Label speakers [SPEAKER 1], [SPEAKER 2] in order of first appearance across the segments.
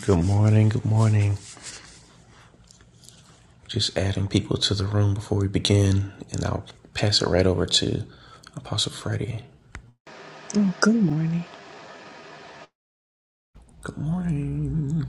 [SPEAKER 1] Good morning, good morning. Just adding people to the room before we begin, and I'll pass it right over to Apostle Freddie.
[SPEAKER 2] Oh, good morning.
[SPEAKER 1] Good morning.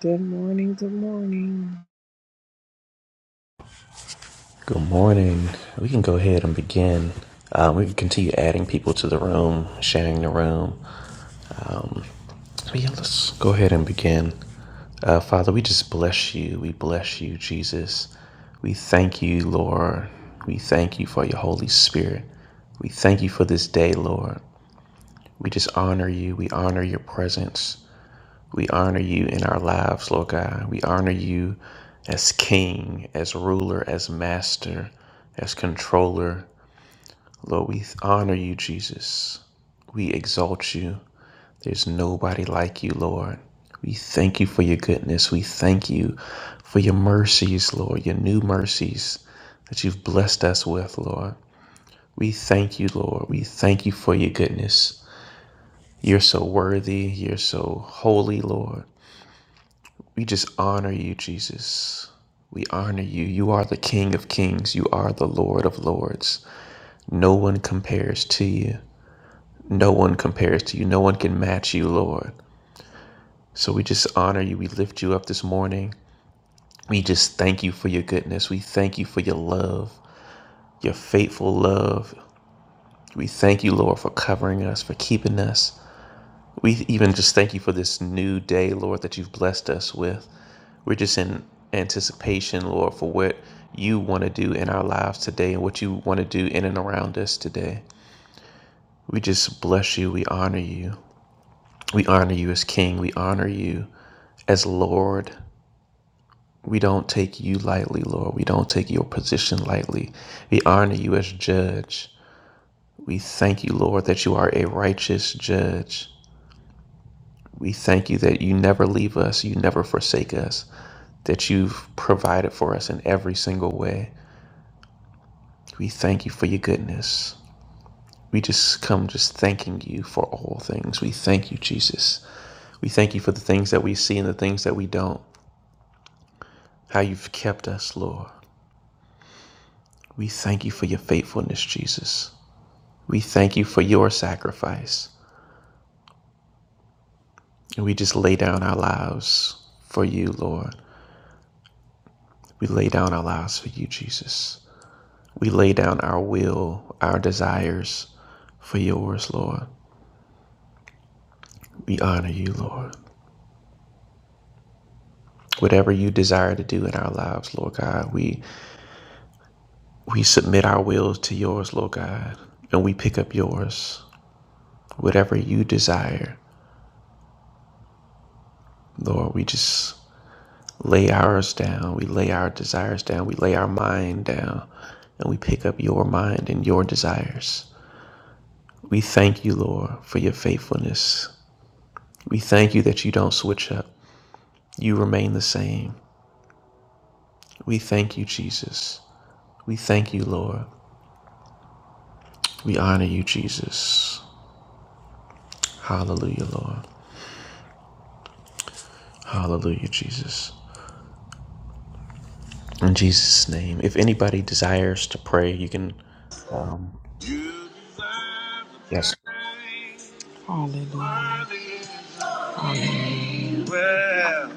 [SPEAKER 2] Good morning. Good morning.
[SPEAKER 1] Good morning. We can go ahead and begin. Um, we can continue adding people to the room, sharing the room. So, yeah, let's go ahead and begin. Uh, Father, we just bless you. We bless you, Jesus. We thank you, Lord. We thank you for your Holy Spirit. We thank you for this day, Lord. We just honor you. We honor your presence. We honor you in our lives, Lord God. We honor you as king, as ruler, as master, as controller. Lord, we honor you, Jesus. We exalt you. There's nobody like you, Lord. We thank you for your goodness. We thank you for your mercies, Lord, your new mercies that you've blessed us with, Lord. We thank you, Lord. We thank you for your goodness. You're so worthy. You're so holy, Lord. We just honor you, Jesus. We honor you. You are the King of kings. You are the Lord of lords. No one compares to you. No one compares to you. No one can match you, Lord. So we just honor you. We lift you up this morning. We just thank you for your goodness. We thank you for your love, your faithful love. We thank you, Lord, for covering us, for keeping us. We even just thank you for this new day, Lord, that you've blessed us with. We're just in anticipation, Lord, for what you want to do in our lives today and what you want to do in and around us today. We just bless you. We honor you. We honor you as King. We honor you as Lord. We don't take you lightly, Lord. We don't take your position lightly. We honor you as judge. We thank you, Lord, that you are a righteous judge. We thank you that you never leave us, you never forsake us. that you've provided for us in every single way. We thank you for your goodness. We just come just thanking you for all things. We thank you, Jesus. We thank you for the things that we see and the things that we don't, how you've kept us, Lord. We thank you for your faithfulness, Jesus. We thank you for your sacrifice. And we just lay down our lives for you, Lord. We lay down our lives for you, Jesus. We lay down our will, our desires for yours, Lord. We honor you, Lord. Whatever you desire to do in our lives, Lord God, we we submit our wills to yours, Lord God, and we pick up yours. Whatever you desire, Lord, we just lay ours down. We lay our desires down. We lay our mind down, and we pick up your mind and your desires. We thank you, Lord, for your faithfulness. We thank you that you don't switch up. You remain the same. We thank you, Jesus. We thank you, Lord. We honor you, Jesus. Hallelujah, Lord. Hallelujah, Jesus. In Jesus' name. If anybody desires to pray, you can.
[SPEAKER 2] You deserve the
[SPEAKER 1] Yes.
[SPEAKER 2] praise. Hallelujah. Hallelujah. Well,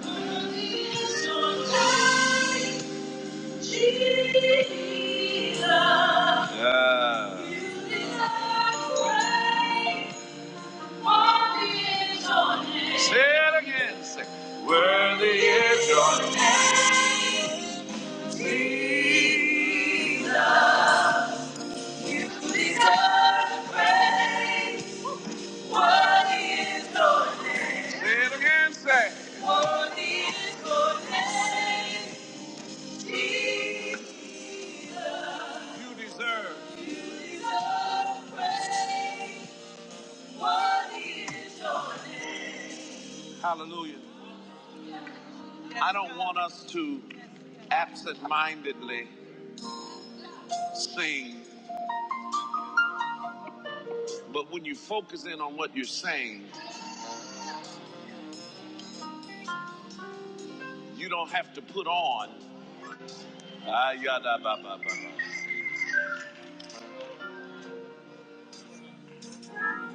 [SPEAKER 2] yeah. Say it again. Say, worthy Say it again. Say, you deserve. Hallelujah. I don't want us to absent-mindedly sing, but when you focus in on what you're saying, you don't have to put on. Ah, yada, ba, ba, ba, ba.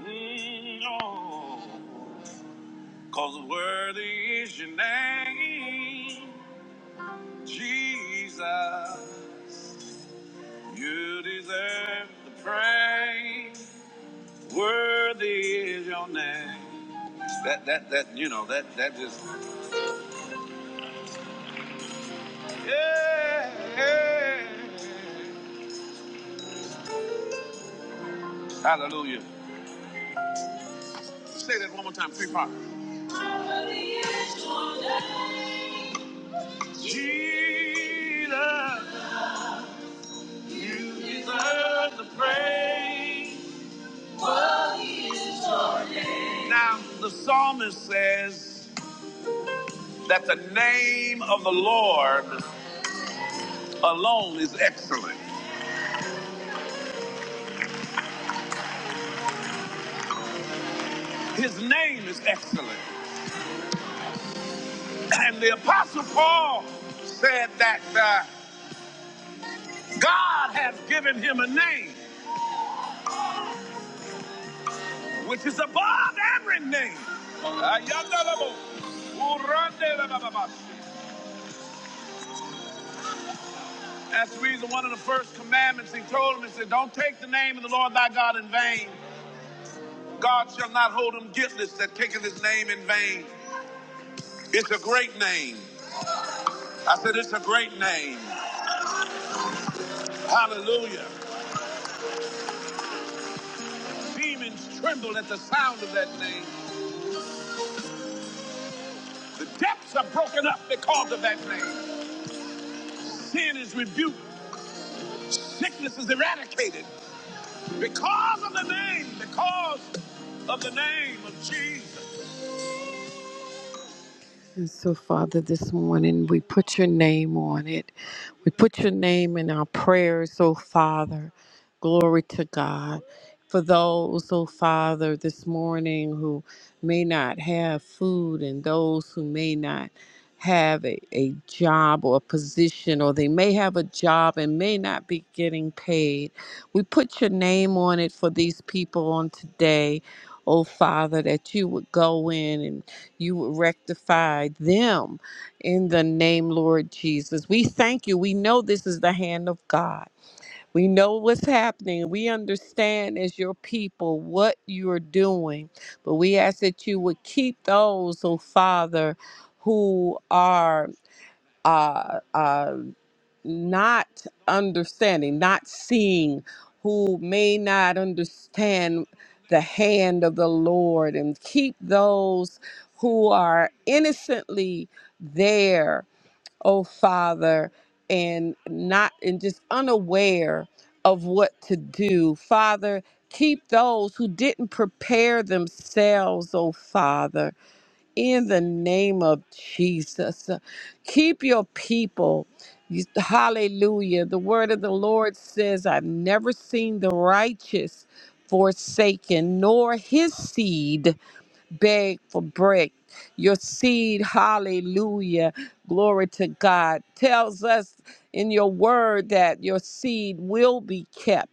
[SPEAKER 2] Mm, no. Cause worthy is your name, Jesus. You deserve the praise. Worthy is your name. That that that you know that that just yeah, yeah. Hallelujah. Say that one more time, three parts. Jesus, you deserve the praise. Now the psalmist says. that the name of the Lord alone is excellent. His name is excellent. And the Apostle Paul said that uh, God has given him a name which is above every name. That's the reason one of the first commandments he told him, he said, Don't take the name of the Lord thy God in vain. God shall not hold him guiltless that taketh his name in vain. It's a great name. I said, It's a great name. Hallelujah. Demons tremble at the sound of that name. The depths are broken up because of that name. Sin is rebuked. Sickness is eradicated because of the name, because of the name of Jesus. And so, Father, this morning we put your name on it. We put your name in our prayers, oh Father. Glory to God. For those, oh Father, this morning who may not have food and those who may not have a, a job or a position, or they may have a job and may not be getting paid, we put your name on it for these people on today, oh Father, that you would go in and you would rectify them in the name, Lord Jesus. We thank you. We know this is the hand of God. We know what's happening. We understand as your people what you're doing. But we ask that you would keep those, oh Father, who are. Uh, uh, not understanding, not seeing, who may not understand the hand of the Lord, and keep those who are innocently there, oh Father, and not and just unaware of what to do. Father, keep those who didn't prepare themselves, oh Father in the name of Jesus. Keep your people. You- Hallelujah. The word of the Lord says, I've never seen the righteous forsaken, nor his seed beg for bread. Your seed, hallelujah, glory to God, tells us in your word that your seed will be kept.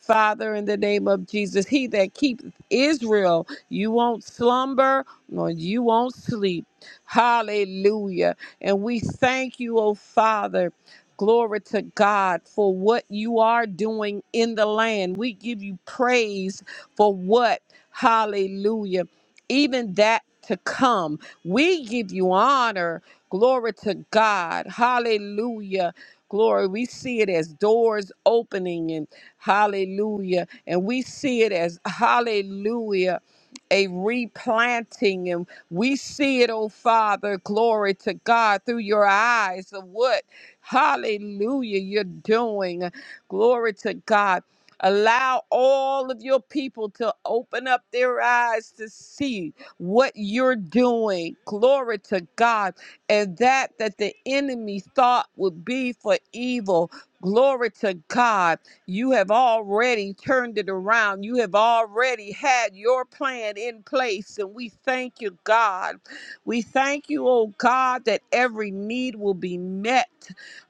[SPEAKER 2] Father, in the name of Jesus, he that keeps Israel, you won't slumber nor you won't sleep. Hallelujah. And we thank you, oh Father. Glory to God for what you are doing in the land. We give you praise for what, hallelujah, even that to come. We give you honor. Glory to God. Hallelujah. Glory. We see it as doors opening and hallelujah. And we see it as hallelujah a replanting and we see it oh father glory to god through your eyes of what hallelujah you're doing glory to god allow all of your people to open up their eyes to see what you're doing glory to god and that that the enemy thought would be for evil glory to god you have already turned it around. You have already had your plan in place. And we thank you, God. We thank you, oh God, that every need will be met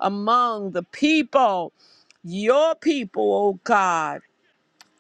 [SPEAKER 2] among the people, your people, oh God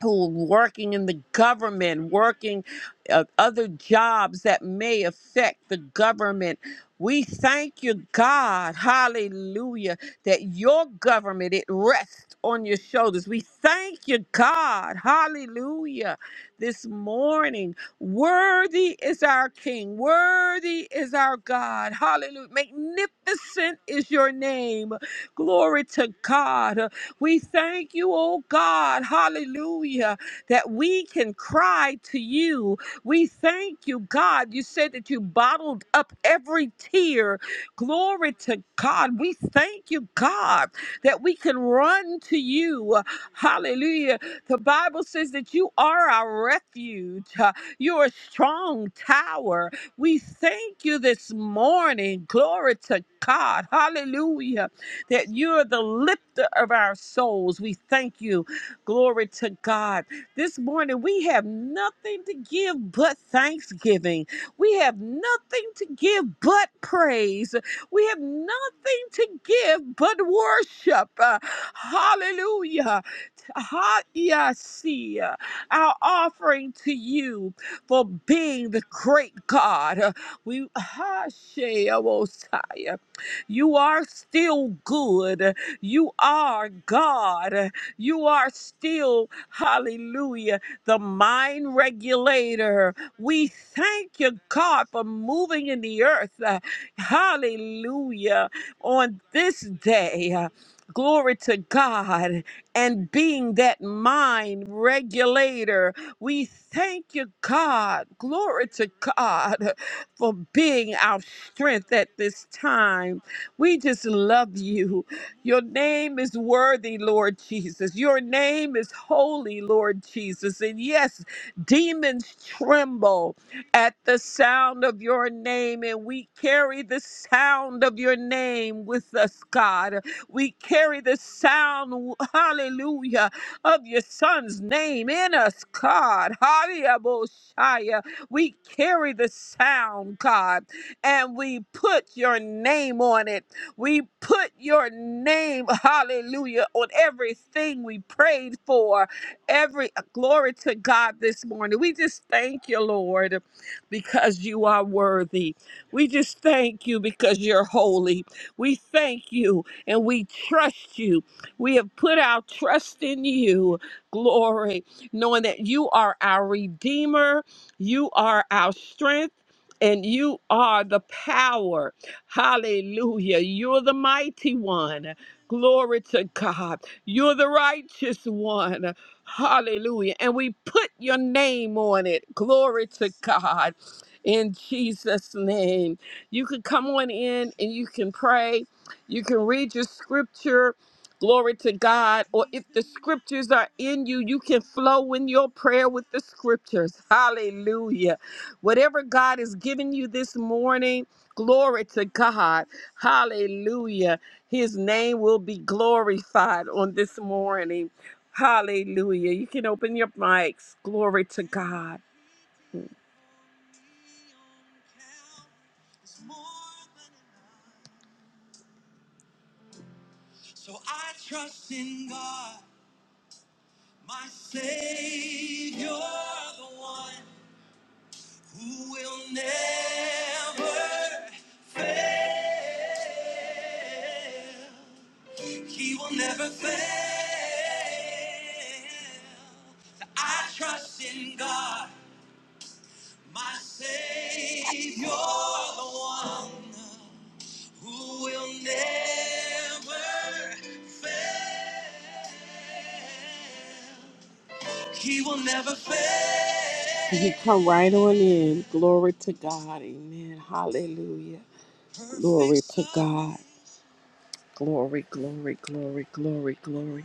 [SPEAKER 2] who are working in the government, working uh, other jobs that may affect the government. We thank you, God, hallelujah, that your government, it rests on your shoulders. We thank you, God, hallelujah, this morning. Worthy is our King, worthy is our God, hallelujah. Magnificent is your name. Glory to God. We thank you, oh God, hallelujah, that we can cry to you. We thank you, God. You said that you bottled up every tear. Glory to God. We thank you, God, that we can run to you. Hallelujah. The Bible says that you are our refuge, Uh, you're a strong tower. We thank you this morning. Glory to God. Hallelujah that you're the lifter of our souls. We thank you. Glory to God. This morning, we have nothing to give but thanksgiving. We have nothing to give but praise. We have nothing to give but worship. Uh, hallelujah. Ha- yasi, uh, Our offering to you for being the great God. Uh, We ha- she- oh, Messiah. You are still good. You are God. You are still, hallelujah, the mind regulator. We thank you, God, for moving in the earth. uh, Hallelujah. On this day. uh, Glory to God and being that mind regulator. We thank you, God. Glory to God for being our strength at this time. We just love you. Your name is worthy, Lord Jesus. Your name is holy, Lord Jesus. And yes, demons tremble at the sound of your name, and we carry the sound of your name with us, God. We carry the sound, hallelujah, of your son's name in us, God. Hallelujah. We carry the sound, God and we put your name on it. We put your name, hallelujah, on everything we prayed for. Every uh, glory to God this morning. We just thank you, Lord, because you are worthy. We just thank you because you're holy. We thank you and we trust you. We have put our trust in you, glory, knowing that you are our Redeemer, you are our strength and you are the power. Hallelujah. You're the mighty one. Glory to God. You're the righteous one. Hallelujah. And we put your name on it. Glory to God. In Jesus' name. You can come on in and you can pray. You can read your scripture. Glory to God. Or if the scriptures are in you, you can flow in your prayer with the scriptures. Hallelujah. Whatever God is giving you this morning, glory to God. Hallelujah. His name will be glorified on this morning. Hallelujah. You can open your mics. Glory to God. He will never fail. You can come right on in. Glory to God. Amen. Hallelujah. Glory to God. Glory, glory, glory, glory, glory.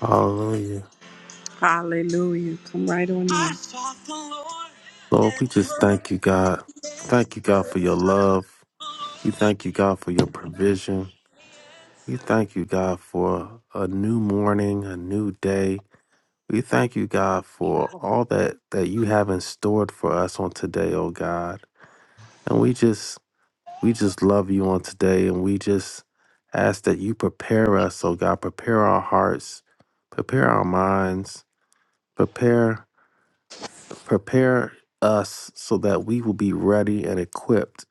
[SPEAKER 3] Hallelujah.
[SPEAKER 2] Hallelujah. Come right on in. I sought the Lord
[SPEAKER 3] Lord,
[SPEAKER 2] and
[SPEAKER 3] we
[SPEAKER 2] he
[SPEAKER 3] just
[SPEAKER 2] heard.
[SPEAKER 3] thank you, God. Thank you, God, for your love. We thank you, God, for your provision. We thank you, God, for a new morning, a new day. We thank you, God, for all that that you have in stored for us on today, oh God. And we just we just love you on today and we just ask that you prepare us, oh God, prepare our hearts, prepare our minds, prepare Prepare us so that we will be ready and equipped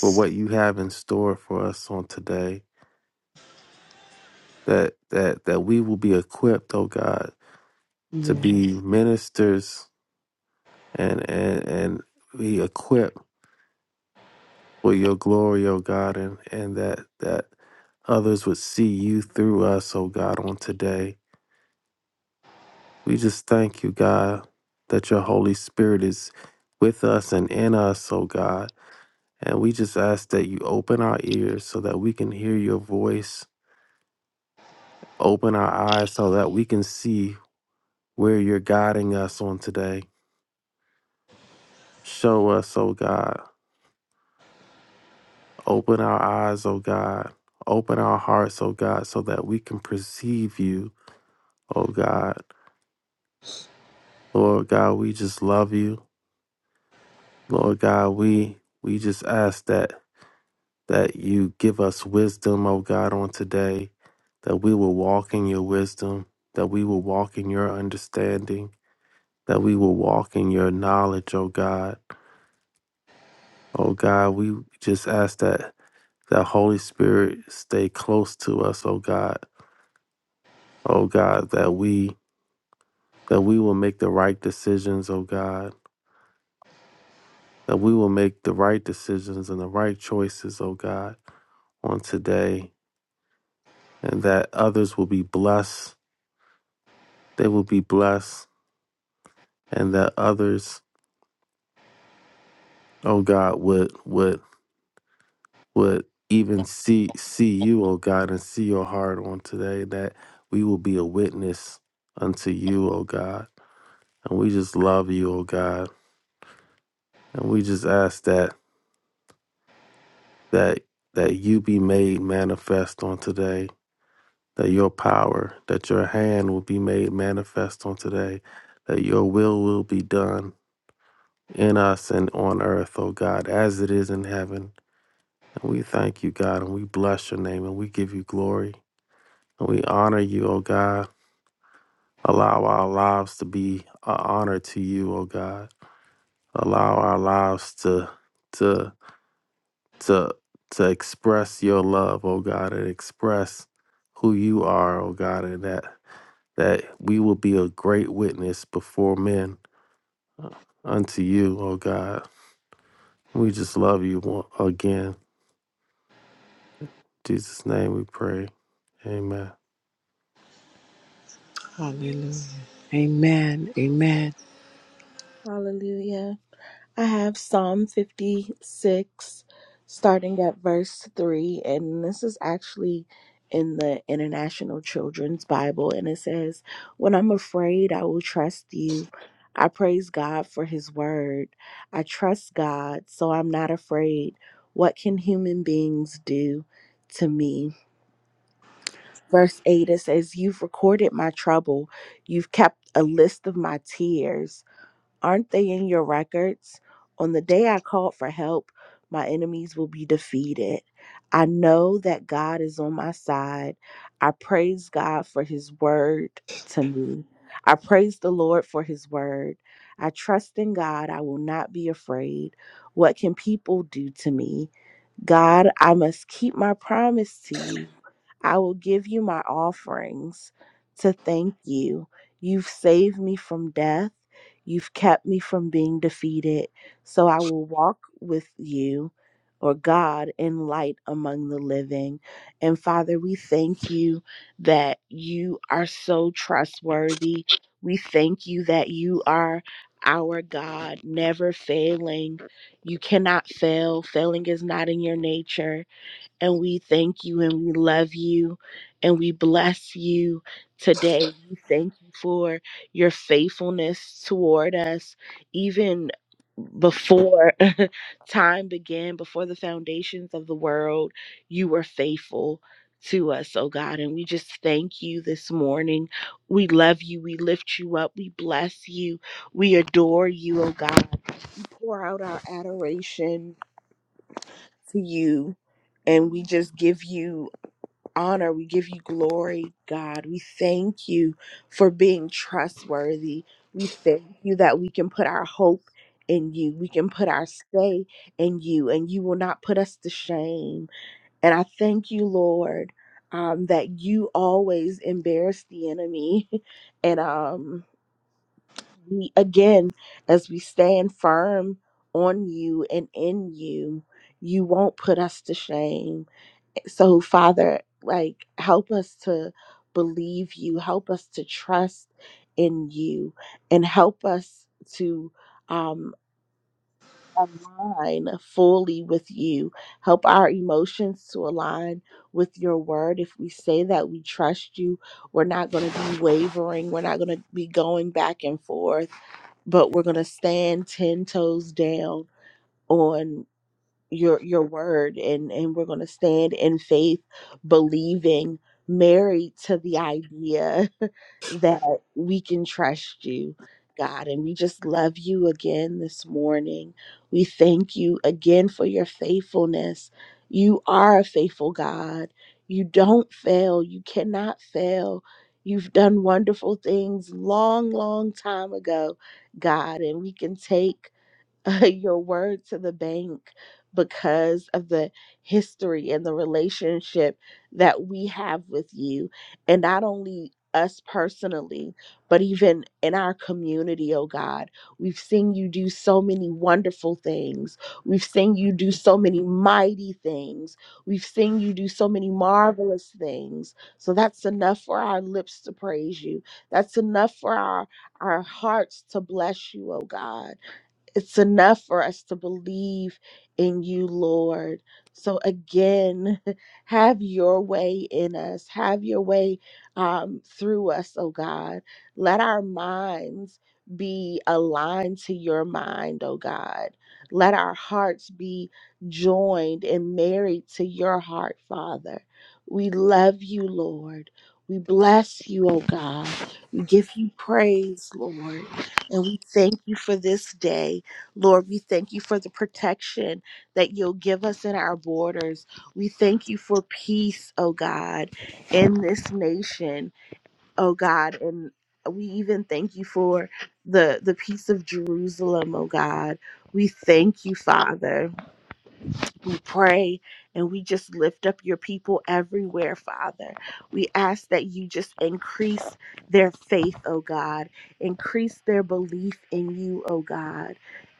[SPEAKER 3] for what you have in store for us on today. That that that we will be equipped, oh God, to
[SPEAKER 2] Yes.
[SPEAKER 3] be ministers and and, and be equipped for your glory, oh God, and, and that that others would see you through us, oh God, on today. We just thank you, God, that your Holy Spirit is with us and in us, oh God And we just ask that you open our ears so that we can hear your voice, open our eyes so that we can see where you're guiding us on today. Show us, oh God. Open our eyes, oh God. Open our hearts, oh God, so that we can perceive you, oh God. Lord God, we just love you. Lord God, we we just ask that that you give us wisdom, oh God, on today, that we will walk in your wisdom, that we will walk in your understanding that we will walk in your knowledge, oh God. Oh God, we just ask that that Holy Spirit stay close to us, oh God. Oh God, that we that we will make the right decisions, oh God. That we will make the right decisions and the right choices, oh God, on today. And that others will be blessed. They will be blessed. And that others, oh God, would would would even see see you, O God, and see your heart on today, that we will be a witness unto you, O God. And we just love you, O God. And we just ask that that that you be made manifest on today, that your power, that your hand will be made manifest on today, that your will will be done in us and on earth, O God, as it is in heaven. And we thank you, God, and we bless your name and we give you glory. And we honor you, O God. Allow our lives to be an honor to you, oh God. Allow our lives to to to to express your love, oh God, and express who you are, oh God, and that that we will be a great witness before men uh, unto you, oh God. We just love you one- again. In Jesus' name we pray. Amen.
[SPEAKER 2] Hallelujah. Amen. Amen.
[SPEAKER 4] Hallelujah. I have Psalm 56, starting at verse 3, and this is actually in the International Children's Bible, and it says, When I'm afraid, I will trust you. I praise God for his word. I trust God, so I'm not afraid. What can human beings do to me? Verse 8, it says, You've recorded my trouble. You've kept a list of my tears. Aren't they in your records? On the day I called for help, my enemies will be defeated. I know that God is on my side. I praise God for his word to me. I praise the Lord for his word. I trust in God. I will not be afraid. What can people do to me? God, I must keep my promise to you. I will give you my offerings to thank you. You've saved me from death. You've kept me from being defeated. So I will walk with you or God in light among the living. And Father, we thank you that you are so trustworthy. We thank you that you are our God, never failing. You cannot fail. Failing is not in your nature and we thank you and we love you and we bless you today. We thank you for your faithfulness toward us, even before time began, before the foundations of the world, you were faithful. To us, oh God, and we just thank you this morning. We love you. We lift you up. We bless you. We adore you, oh God. Pour out our adoration to you and we just give you honor. We give you glory, God. We thank you for being trustworthy. We thank you that we can put our hope in you. We can put our stay in you, and you will not put us to shame. And I thank you, Lord, um, that you always embarrass the enemy. and um, we, again, as we stand firm on you and in you, you won't put us to shame so, Father, like, help us to believe you, help us to trust in you, and help us to um, align fully with you. Help our emotions to align with your word. If we say that we trust you, we're not going to be wavering, we're not going to be going back and forth, but we're going to stand 10 toes down. On your your word and and we're going to stand in faith believing married to the idea that we can trust you God and we just love you again this morning we thank you again for your faithfulness you are a faithful God you don't fail you cannot fail you've done wonderful things long long time ago God and we can take your word to the bank because of the history and the relationship that we have with you. And not only us personally, but even in our community, oh God, we've seen you do so many wonderful things. We've seen you do so many mighty things. We've seen you do so many marvelous things. So that's enough for our lips to praise you. That's enough for our, our hearts to bless you, oh God it's enough for us to believe in you, Lord. So again, have your way in us, have your way um, through us, oh God. Let our minds be aligned to your mind, oh God. Let our hearts be joined and married to your heart, Father. We love you, Lord. We bless you, oh God. We give you praise, Lord. And we thank you for this day. Lord, we thank you for the protection that you'll give us in our borders. We thank you for peace, oh God, in this nation, oh God. And we even thank you for the, the peace of Jerusalem, oh God. We thank you, Father. We pray and we just lift up your people everywhere, Father. We ask that you just increase their faith, oh God, increase their belief in you, oh God.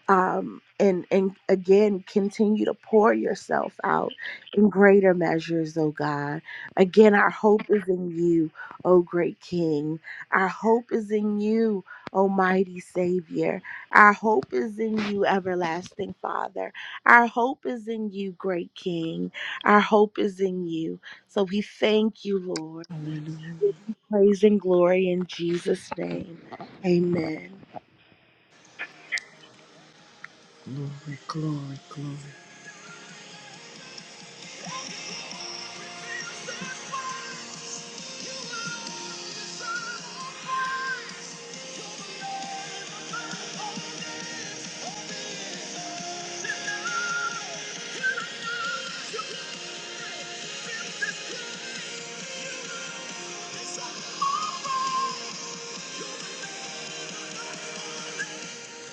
[SPEAKER 4] Um, and and again, continue to pour yourself out in greater measures, oh God. Again, our hope is in you, oh great King. Our hope is in you, Almighty Savior. Our hope is in you, everlasting Father. Our hope is in you, great King. Our hope is in you. So we thank you, Lord. Give you praise and glory in Jesus' name. Amen.
[SPEAKER 2] Glory, glory, glory.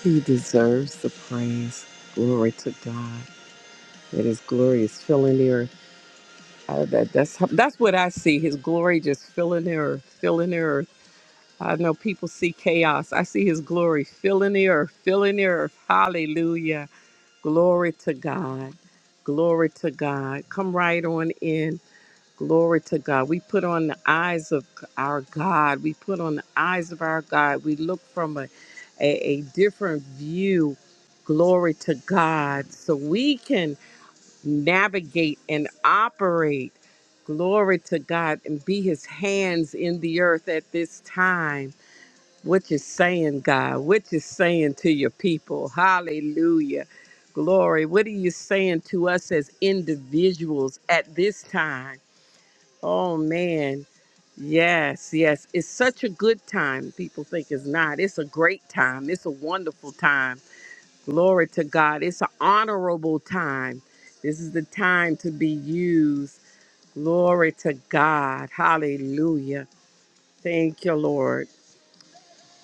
[SPEAKER 2] He deserves the praise. Glory to God. That his glory is filling the earth. Uh, that, that's, how- that's what I see. His glory just filling the earth, filling the earth. I know people see chaos. I see his glory filling the earth, filling the earth. Hallelujah. Glory to God. Glory to God. Come right on in. Glory to God. We put on the eyes of our God. We put on the eyes of our God. We look from a, a, a different view. Glory to God. So we can navigate and operate. Glory to God and be his hands in the earth at this time. What you saying, God? What you saying to your people? Hallelujah. Glory. What are you saying to us as individuals at this time? Oh man. Yes, yes. It's such a good time. People think it's not. It's a great time. It's a wonderful time. Glory to God. It's an honorable time. This is the time to be used. Glory to God. Hallelujah. Thank you, Lord.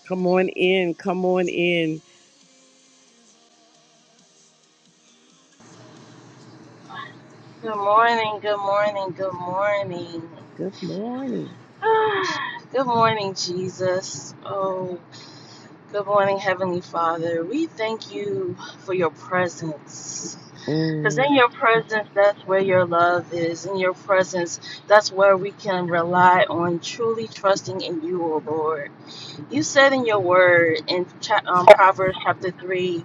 [SPEAKER 2] Come on in. Come on in.
[SPEAKER 5] Good morning, good morning, good morning.
[SPEAKER 2] Good morning.
[SPEAKER 5] good morning, Jesus. Oh, good morning, Heavenly Father. We thank you for your presence. Because
[SPEAKER 2] Mm,
[SPEAKER 5] in your presence, that's where your love is. In your presence, that's where we can rely on truly trusting in you, O Lord. You said in your word in um, Proverbs chapter 3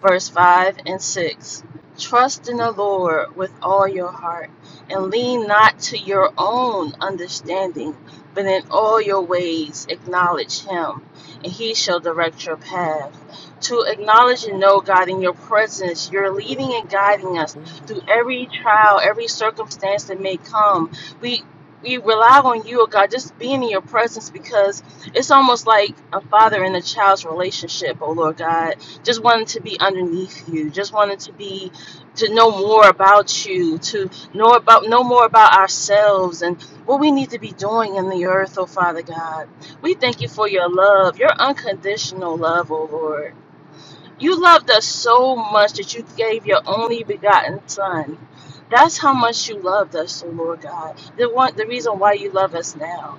[SPEAKER 5] verse 5 and 6. Trust in the Lord with all your heart, and lean not to your own understanding, but in all your ways acknowledge Him, and He shall direct your path. To acknowledge and know God in your presence, you're leading and guiding us
[SPEAKER 2] mm,
[SPEAKER 5] through every trial, every circumstance that may come. We we rely on you, oh God, just being in your presence because it's almost like a father and a child's relationship, oh Lord God just wanted to be underneath you just wanted to be to know more about you to know about know more about ourselves and what we need to be doing in the earth oh father god we thank you for your love your unconditional love oh lord you loved us so much that you gave your only begotten son that's how much you loved us oh lord god the one the reason why you love us now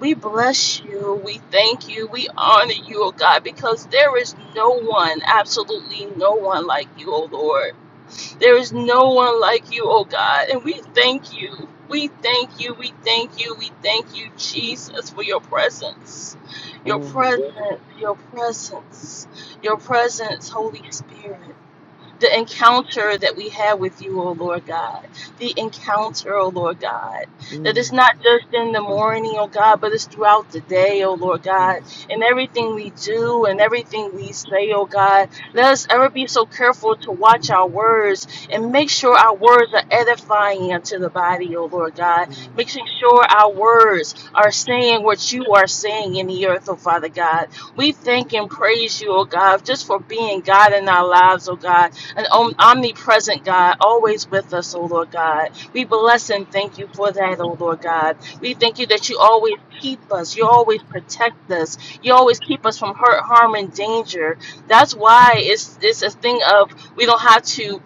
[SPEAKER 5] we bless you. We thank you. We honor you, O God, because there is no one, absolutely no one like you, O Lord. There is no one like you, O God. And we thank you. We thank you. We thank you. We thank you, Jesus, for your presence. Your
[SPEAKER 2] mm,
[SPEAKER 5] presence. Your presence. Your presence, Holy Spirit the encounter that we have with you, O Lord God. The encounter, O Lord God. That it's
[SPEAKER 2] mm,
[SPEAKER 5] not just in the morning, O God, but it's throughout the day, O Lord God.
[SPEAKER 2] mm,
[SPEAKER 5] In everything we do and everything we say, O God. Let us ever be so careful to watch our words and make sure our words are edifying unto the body, O Lord God. Making sure our words are saying what you are saying in the earth, O Father God. We thank and praise you, O God, just for being God in our lives, O God an om- omnipresent God, always with us, O Lord God. We bless and thank you for that, O Lord God. We thank you that you always keep us, you always protect us, you always keep us from hurt, harm, and danger. That's why it's it's a thing of we don't have to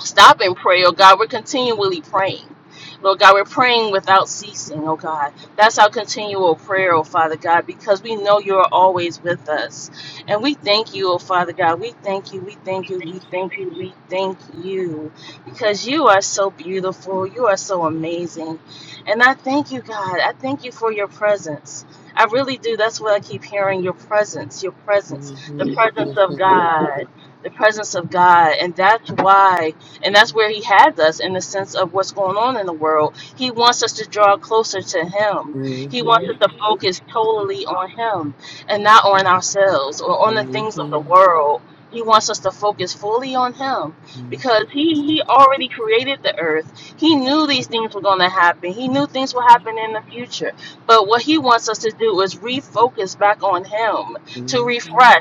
[SPEAKER 5] stop and pray, oh God. We're continually praying. Lord God, we're praying without ceasing, oh God. That's our continual prayer, oh Father God, because we know you are always with us. And we thank you, oh Father God. We thank you, we thank you, we thank you, we thank you, because you are so beautiful. You are so amazing. And I thank you, God. I thank you for your presence. I really do. That's what I keep hearing your presence, your presence, the presence of
[SPEAKER 2] mhm,
[SPEAKER 5] God the presence of God. And that's why and that's where He has us in the sense of what's going on in the world. He wants us to draw closer to Him. He wants us
[SPEAKER 2] mhm, mhm,
[SPEAKER 5] to focus totally on Him and not on ourselves or on the things of the
[SPEAKER 2] mhm,
[SPEAKER 5] world. He wants us to focus fully on Him
[SPEAKER 2] mhm.
[SPEAKER 5] because He, he already created the earth. He knew these things were going to happen, He knew things would happen in the future. But what He wants us to do is refocus back on Him to
[SPEAKER 2] Mhm.
[SPEAKER 5] refresh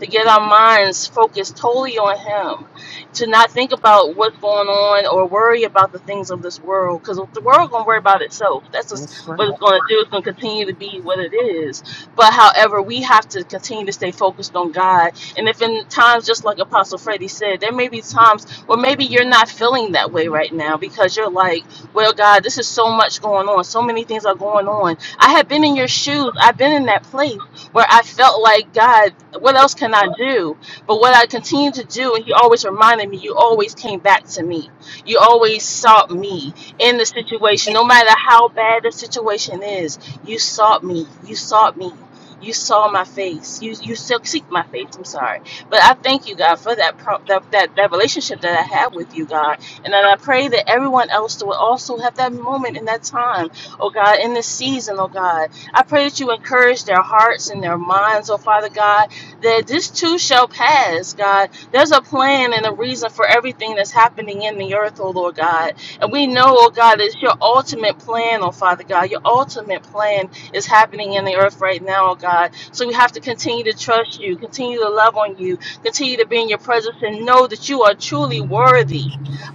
[SPEAKER 5] to get our minds focused totally on Him, to not think about what's going on or worry about the things of this world, because the world gonna worry about itself. That's just
[SPEAKER 2] That's
[SPEAKER 5] what
[SPEAKER 2] right.
[SPEAKER 5] it's gonna do. It's gonna continue to be what it is. But however, we have to continue to stay focused on God. And if in times, just like Apostle Freddie said, there may be times where maybe you're not feeling that way right now because you're like, well, God, this is so much going on. So many things are going on. I have been in your shoes. I've been in that place where I felt like God what else can I do? But what I continued to do, and he always reminded me, you always came back to me. You always sought me in the situation, no matter how bad the situation is. You sought me. You sought me. You saw my face. You you still seek my face. I'm sorry, but I thank you, God, for that pro- that, that that relationship that I have with you, God, and then I pray that everyone else will also have that moment in that time, oh God, in this season, oh God. I pray that you encourage their hearts and their minds, oh Father God, that this too shall pass, God. There's a plan and a reason for everything that's happening in the earth, oh Lord God. And we know, oh God, it's your ultimate plan, oh Father God. Your ultimate plan is happening in the earth right now, oh God. So we have to continue to trust you, continue to love on you, continue to be in your presence, and know that you are truly worthy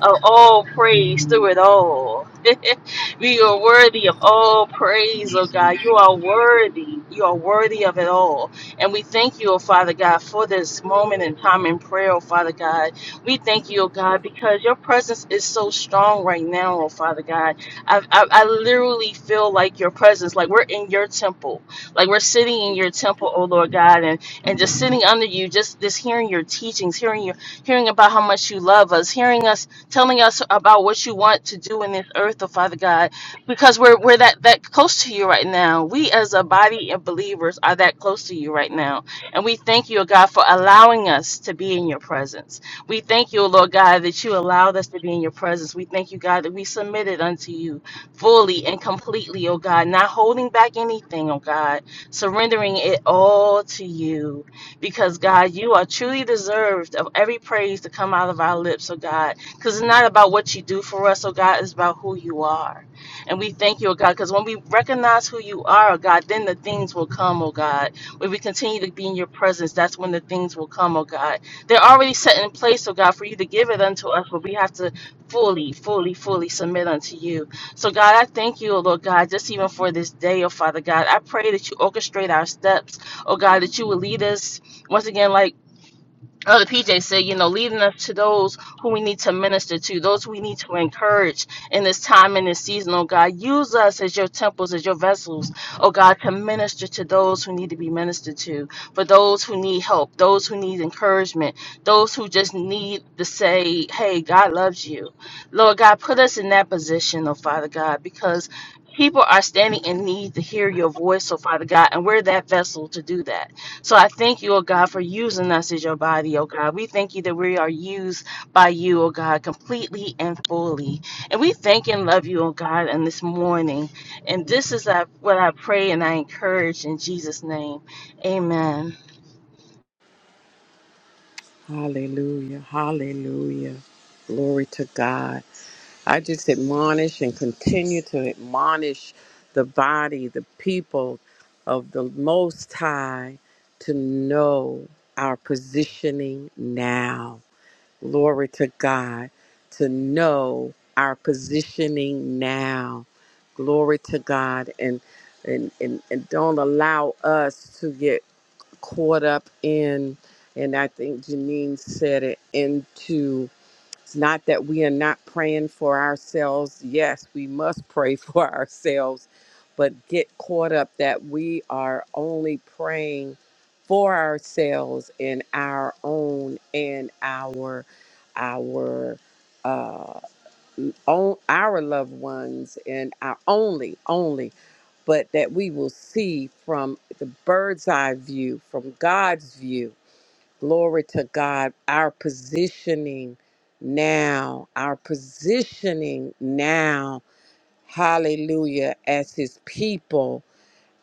[SPEAKER 5] of all praise through it all. we are worthy of all praise, oh God. You are worthy. You are worthy of it all. And we thank you, oh Father God, for this moment in time in prayer, oh Father God. We thank you, oh God, because your presence is so strong right now, oh Father God. I, I, I literally feel like your presence, like we're in your temple, like we're sitting in your temple, oh Lord God, and, and just sitting under you, just, just hearing your teachings, hearing your hearing about how much you love us, hearing us telling us about what you want to do in this earth, oh Father God because we're we're that that close to you right now. We as a body of believers are that close to you right now, and we thank you, God, for allowing us to be in your presence. We thank you, Lord God, that you allowed us to be in your presence. We thank you, God, that we submitted unto you fully and completely, oh God, not holding back anything, oh God, surrendering it all to you, because God, you are truly deserved of every praise to come out of our lips, oh God, because it's not about what you do for us, oh God, it's about who you are. And we thank you, oh God, because when we recognize who you are, oh God, then the things will come, oh God. When we continue to be in your presence, that's when the things will come, oh God. They're already set in place, oh God, for you to give it unto us, but we have to fully, fully, fully submit unto you. So, God, I thank you, oh Lord God, just even for this day, oh Father God. I pray that you orchestrate our steps, oh God, that you will lead us once again, like Elder PJ said, you know, leading us to those who we need to minister to, those we need to encourage in this time and this season, oh God. Use us as your temples, as your vessels, oh God, to minister to those who need to be ministered to, for those who need help, those who need encouragement, those who just need to say, hey, God loves you. Lord God, put us in that position, oh Father God, because people are standing in need to hear your voice, oh Father God, and we're that vessel to do that. So I thank you, O God, for using us as your body, O God. We thank you that we are used by you, O God, completely and fully. And we thank and love you, O God, in this morning. And this is uh, what I pray and I encourage in Jesus' name. Amen.
[SPEAKER 2] Hallelujah. Hallelujah. Glory to God. I just admonish and continue to admonish the body, the people of the Most High to know our positioning now. Glory to God. To know our positioning now. Glory to God. And and, and, and don't allow us to get caught up in, and I think Janine said it, into it's not that we are not praying for ourselves. Yes, we must pray for ourselves, but get caught up that we are only praying for ourselves and our own and our our uh, on our loved ones and our only, only, but that we will see from the bird's eye view, from God's view. Glory to God, our positioning now, our positioning now, hallelujah, as His people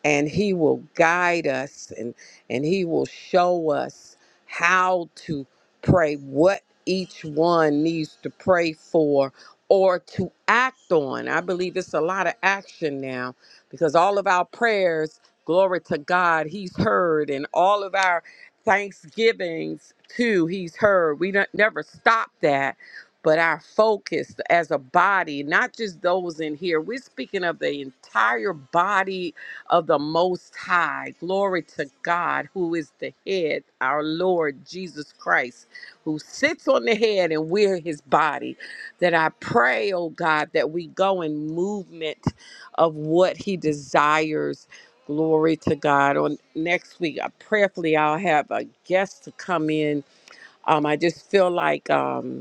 [SPEAKER 2] and he will guide us and and he will show us how to pray what each one needs to pray for or to act on i believe it's a lot of action now because all of our prayers glory to god he's heard and all of our thanksgivings too he's heard we don't, never stop that but our focus as a body not just those in here we're speaking of the entire body of the Most High. Glory to God, who is the head, our Lord Jesus Christ, who sits on the head and we're his body. That I pray, oh God, that we go in movement of what he desires. Glory to God. On next week, I prayerfully I'll have a guest to come in. Um, I just feel like um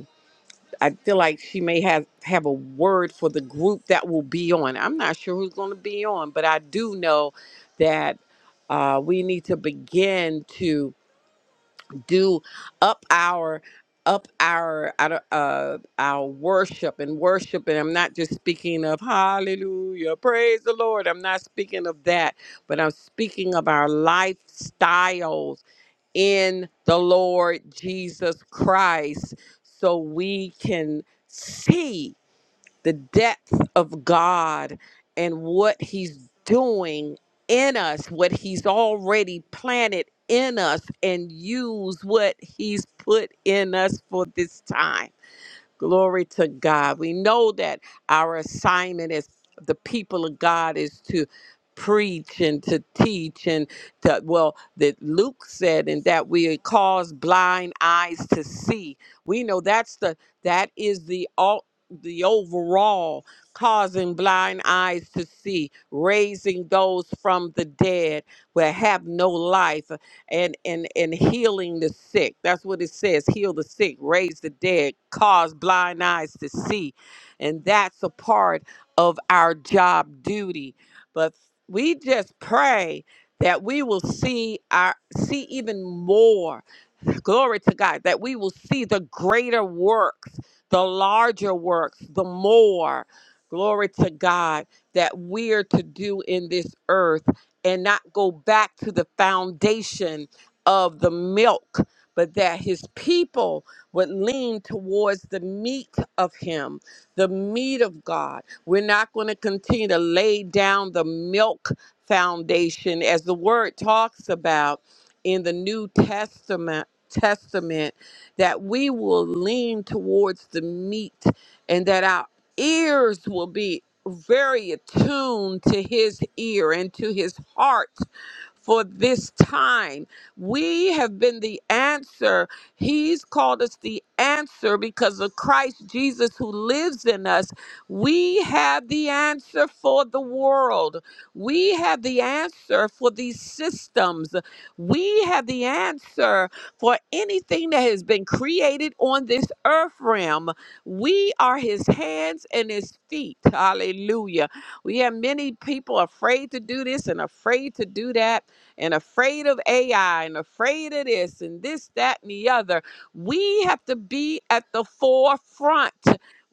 [SPEAKER 2] I feel like she may have have a word for the group that will be on. I'm not sure who's going to be on, but I do know that uh, we need to begin to do up our up our I don't- uh, our worship and worship. And I'm not just speaking of Hallelujah, praise the Lord. I'm not speaking of that, but I'm speaking of our lifestyles in the Lord Jesus Christ so we can see the depth of God and what He's doing in us, what He's already planted in us, and use what He's put in us for this time. Glory to God. We know that our assignment as the people of God is to preach and to teach and to, well, that Luke said, and that we cause blind eyes to see. We know that's the, that is the all, the overall causing blind eyes to see, raising those from the dead where have no life and and and healing the sick. That's what it says: heal the sick, raise the dead, cause blind eyes to see, and that's a part of our job duty. But we just pray that we will see our see even more Glory to God that we will see the greater works, the larger works, the more. Glory to God that we're to do in this earth and not go back to the foundation of the milk, but that his people would lean towards the meat of him, the meat of God. We're not going to continue to lay down the milk foundation as the word talks about in the New Testament Testament that we will lean towards the meat and that our ears will be very attuned to his ear and to his heart for this time. We have been the answer. He's called us the answer because of Christ Jesus who lives in us. We have the answer for the world. We have the answer for these systems. We have the answer for anything that has been created on this earth realm. We are his hands and his feet. Hallelujah. We have many people afraid to do this and afraid to do that and afraid of AI and afraid of this and this, that, and the other. We have to be at the forefront.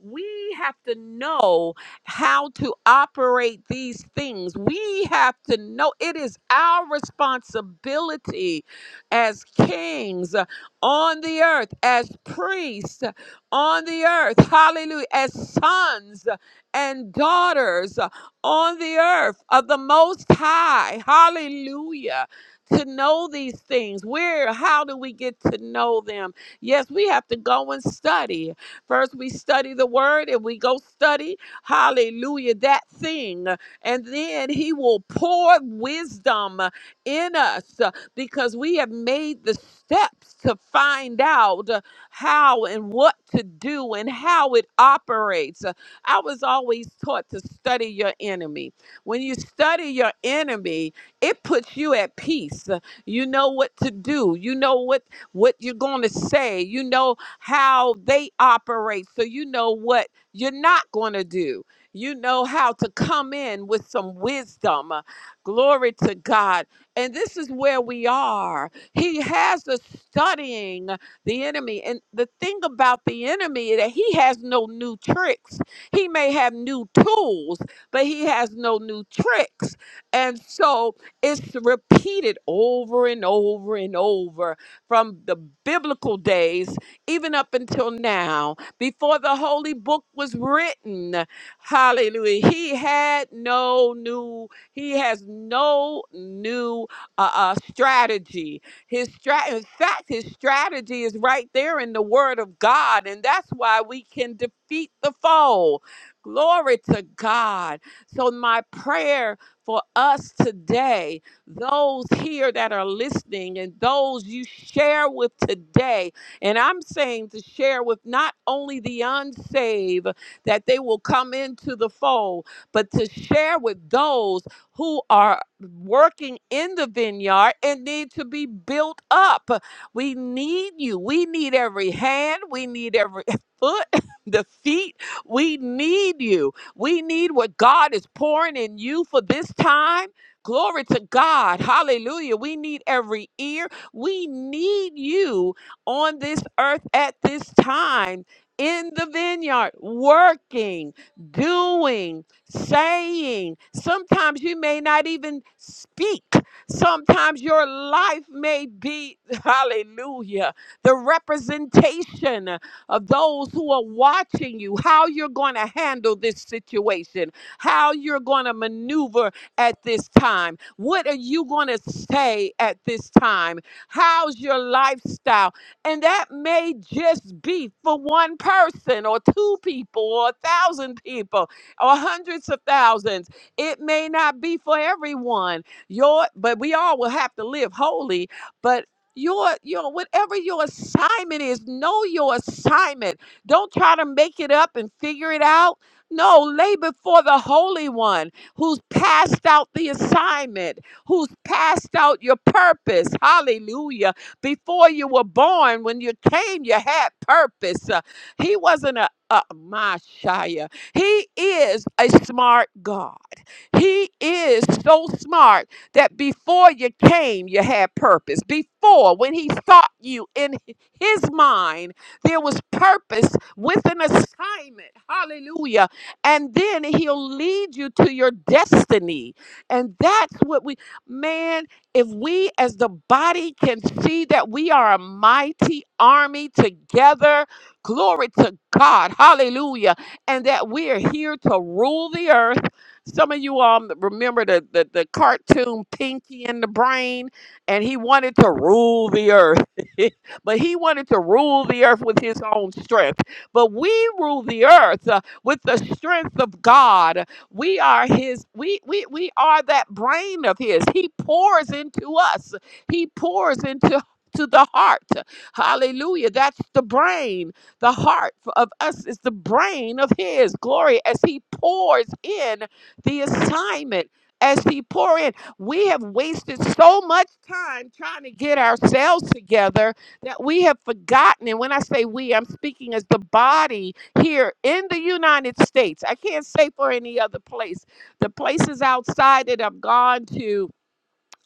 [SPEAKER 2] We have to know how to operate these things. We have to know it is our responsibility as kings uh, on the earth, as priests uh, on the earth, hallelujah, as sons uh, and daughters uh, on the earth of the Most High, hallelujah. To know these things, where, how do we get to know them? Yes, we have to go and study. First, we study the word and we go study Hallelujah. That thing. And then he will pour wisdom in us uh, because we have made the steps to find out uh, how and what to do and how it operates. Uh, I was always taught to study your enemy. When you study your enemy, it puts you at peace. Uh, You know what to do. You know what what you're going to say. You know how they operate. So you know what you're not going to do. You know how to come in with some wisdom. Uh, Glory to God. And this is where we are. He has us studying the enemy. And the thing about the enemy is that he has no new tricks. He may have new tools, but he has no new tricks. And so it's repeated over and over and over from the biblical days, even up until now before the holy book was written, hallelujah, he had no new, he has no new uh, uh, strategy. His strat, in fact, his strategy is right there in the word of God, and that's why we can defeat the foe. Glory to God. So, my prayer for us today those here that are listening and those you share with today and I'm saying to share with not only the unsaved that they will come into the fold, but to share with those who are working in the vineyard and need to be built up. We need you. We need every hand. We need every foot, the feet. We need you. We need what God is pouring in you for this time. Glory to God. Hallelujah. We need every ear. We need you on this earth at this time in the vineyard, working, doing, saying. Sometimes you may not even speak. Sometimes your life may be, hallelujah, the representation of those who are watching you, how you're going to handle this situation, how you're going to maneuver at this time. What are you going to say at this time? How's your lifestyle? And that may just be for one person or two people or a thousand people or hundreds of thousands. It may not be for everyone. Your but we all will have to live holy, but your your whatever your assignment is, know your assignment. Don't try to make it up and figure it out. No, lay before the Holy One who's passed out the assignment, who's passed out your purpose. Hallelujah before you were born, when you came, you had purpose. Uh, he wasn't a, a my He is a smart God. He is so smart that before you came, you had purpose. Before, when he thought you in his mind, there was purpose with an assignment. Hallelujah. And then he'll lead you to your destiny. And that's what we, man, if we as the body can see that we are a mighty army together, glory to God, hallelujah, and that we are here to rule the earth. Some of you all remember the, the, the cartoon Pinky and the Brain, and he wanted to rule the earth, but he wanted to rule the earth with his own strength. But we rule the earth uh, with the strength of God we are his, we, we, we are that brain of his. He pours into us. He pours into to the heart. Hallelujah. That's the brain. The heart f- of us is the brain of his glory as he pours in the assignment. As he pour in, we have wasted so much time trying to get ourselves together that we have forgotten. And when I say we, I'm speaking as the body here in the United States. I can't say for any other place. The places outside that I've gone to,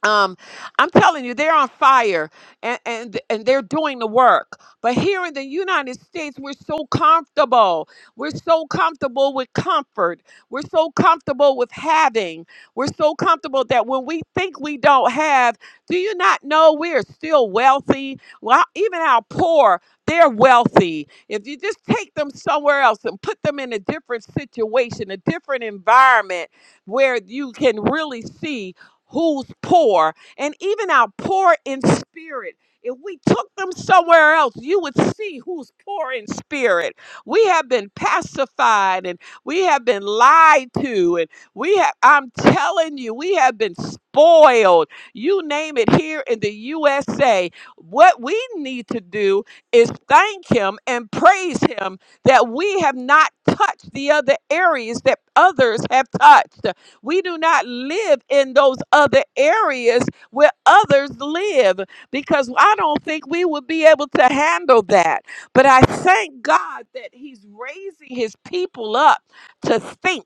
[SPEAKER 2] um i'm telling you they're on fire and and and they're doing the work but here in the united states we're so comfortable we're so comfortable with comfort we're so comfortable with having we're so comfortable that when we think we don't have do you not know we're still wealthy well even our poor they're wealthy if you just take them somewhere else and put them in a different situation a different environment where you can really see who's poor, and even our poor in spirit. If we took them somewhere else, you would see who's poor in spirit. We have been pacified and we have been lied to. And we have, I'm telling you, we have been spoiled. You name it here in the USA. What we need to do is thank Him and praise Him that we have not touched the other areas that others have touched. We do not live in those other areas where others live because I don't think we would be able to handle that. But I thank God that He's raising His people up to think,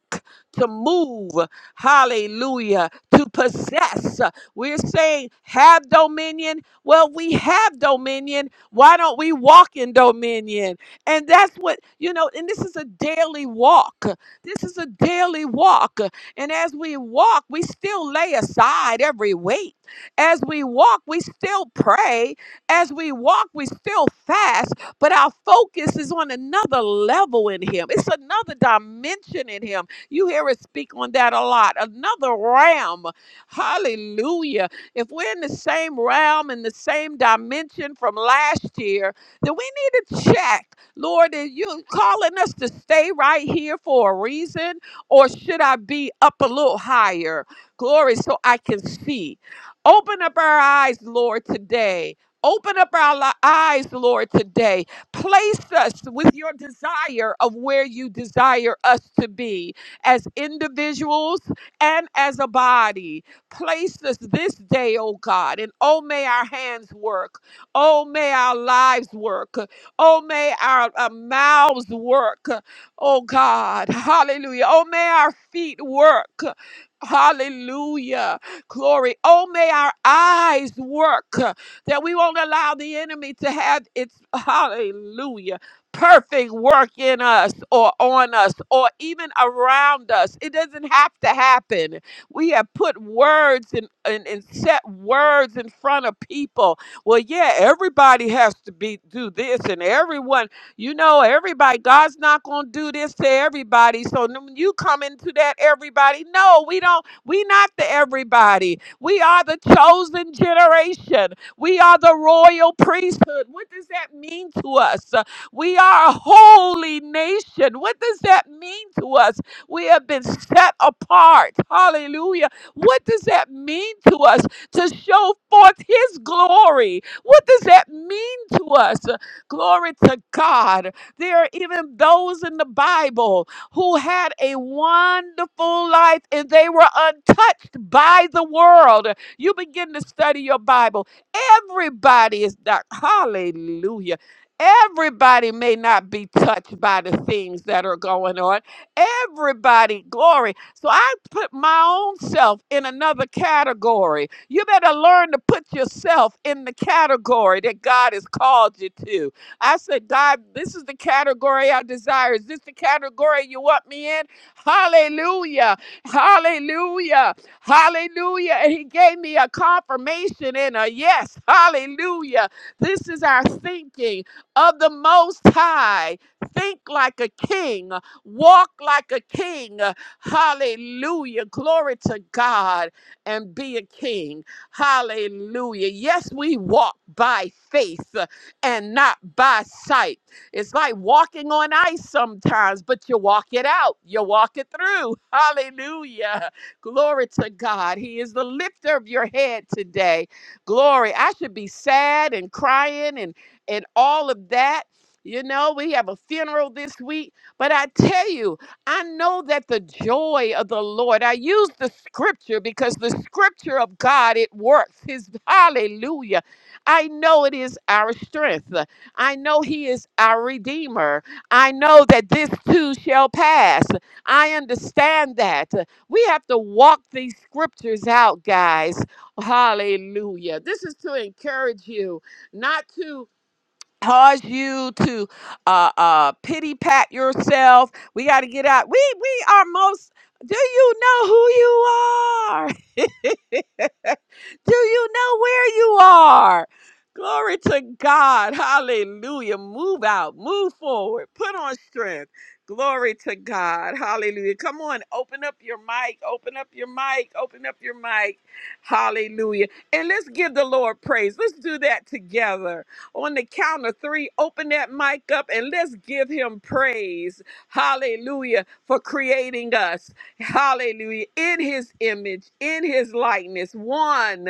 [SPEAKER 2] to move, hallelujah, to possess. We're saying, have dominion. Well, we have dominion. Why don't we walk in dominion? And that's what, you know, and this is a daily walk. This is a daily walk. And as we walk, we still lay aside every weight. As we walk, we still pray. As we walk, we still fast. But our focus is on another level in Him, it's another dimension in Him. You hear us speak on that a lot. Another realm. Hallelujah. If we're in the same realm, in the same dimension from last year, then we need to check. Lord, are you calling us to stay right here for a reason? or should I be up a little higher? Glory, so I can see. Open up our eyes, Lord, today. Open up our li- eyes, Lord, today. Place us with your desire of where you desire us to be as individuals and as a body. Place us this day, oh God, and oh, may our hands work. Oh, may our lives work. Oh, may our uh, mouths work. Oh God, hallelujah. Oh, may our feet work. Hallelujah. Glory. Oh, may our eyes work uh, that we won't allow the enemy to have its, hallelujah, perfect work in us or on us or even around us. It doesn't have to happen. We have put words and, and, and set words in front of people. Well, yeah, everybody has to be do this and everyone. You know, everybody, God's not going to do this to everybody. So n- when you come into that everybody, no, we don't, we not the everybody. We are the chosen generation. We are the royal priesthood. What does that mean to us? Uh, We are a holy nation. What does that mean to us? We have been set apart. Hallelujah. What does that mean to us? To show forth his glory. What does that mean to us? Glory to God. There are even those in the Bible who had a wonderful life and they were untouched by the world. You begin to study your Bible. Everybody is not, hallelujah. Everybody may not be touched by the things that are going on. Everybody, glory. So I put my own self in another category. You better learn to put yourself in the category that God has called you to. I said, God, this is the category I desire. Is this the category you want me in? Hallelujah. Hallelujah. Hallelujah. And he gave me a confirmation and a yes. Hallelujah. This is our thinking of the Most High. Think like a king, walk like a king. Hallelujah. Glory to God and be a king. Hallelujah. Yes, we walk by faith and not by sight. It's like walking on ice sometimes, but you walk it out, you walk it through. Hallelujah. Glory to God. He is the lifter of your head today. Glory. I should be sad and crying and, and all of that. You know, we have a funeral this week, but I tell you, I know that the joy of the Lord, I use the scripture because the scripture of God, it works. His hallelujah. I know it is our strength. I know He is our Redeemer. I know that this too shall pass. I understand that. We have to walk these scriptures out, guys. Hallelujah. This is to encourage you, not to cause you to uh, uh, pity pat yourself. We got to get out. We, we are most, do you know who you are? Do you know where you are? Glory to God. Hallelujah. Move out, move forward, put on strength. Glory to God. Hallelujah. Come on, open up your mic, open up your mic, open up your mic. Hallelujah. And let's give the Lord praise. Let's do that together. On the count of three, open that mic up and let's give him praise. Hallelujah. For creating us. Hallelujah. In his image, in his likeness. One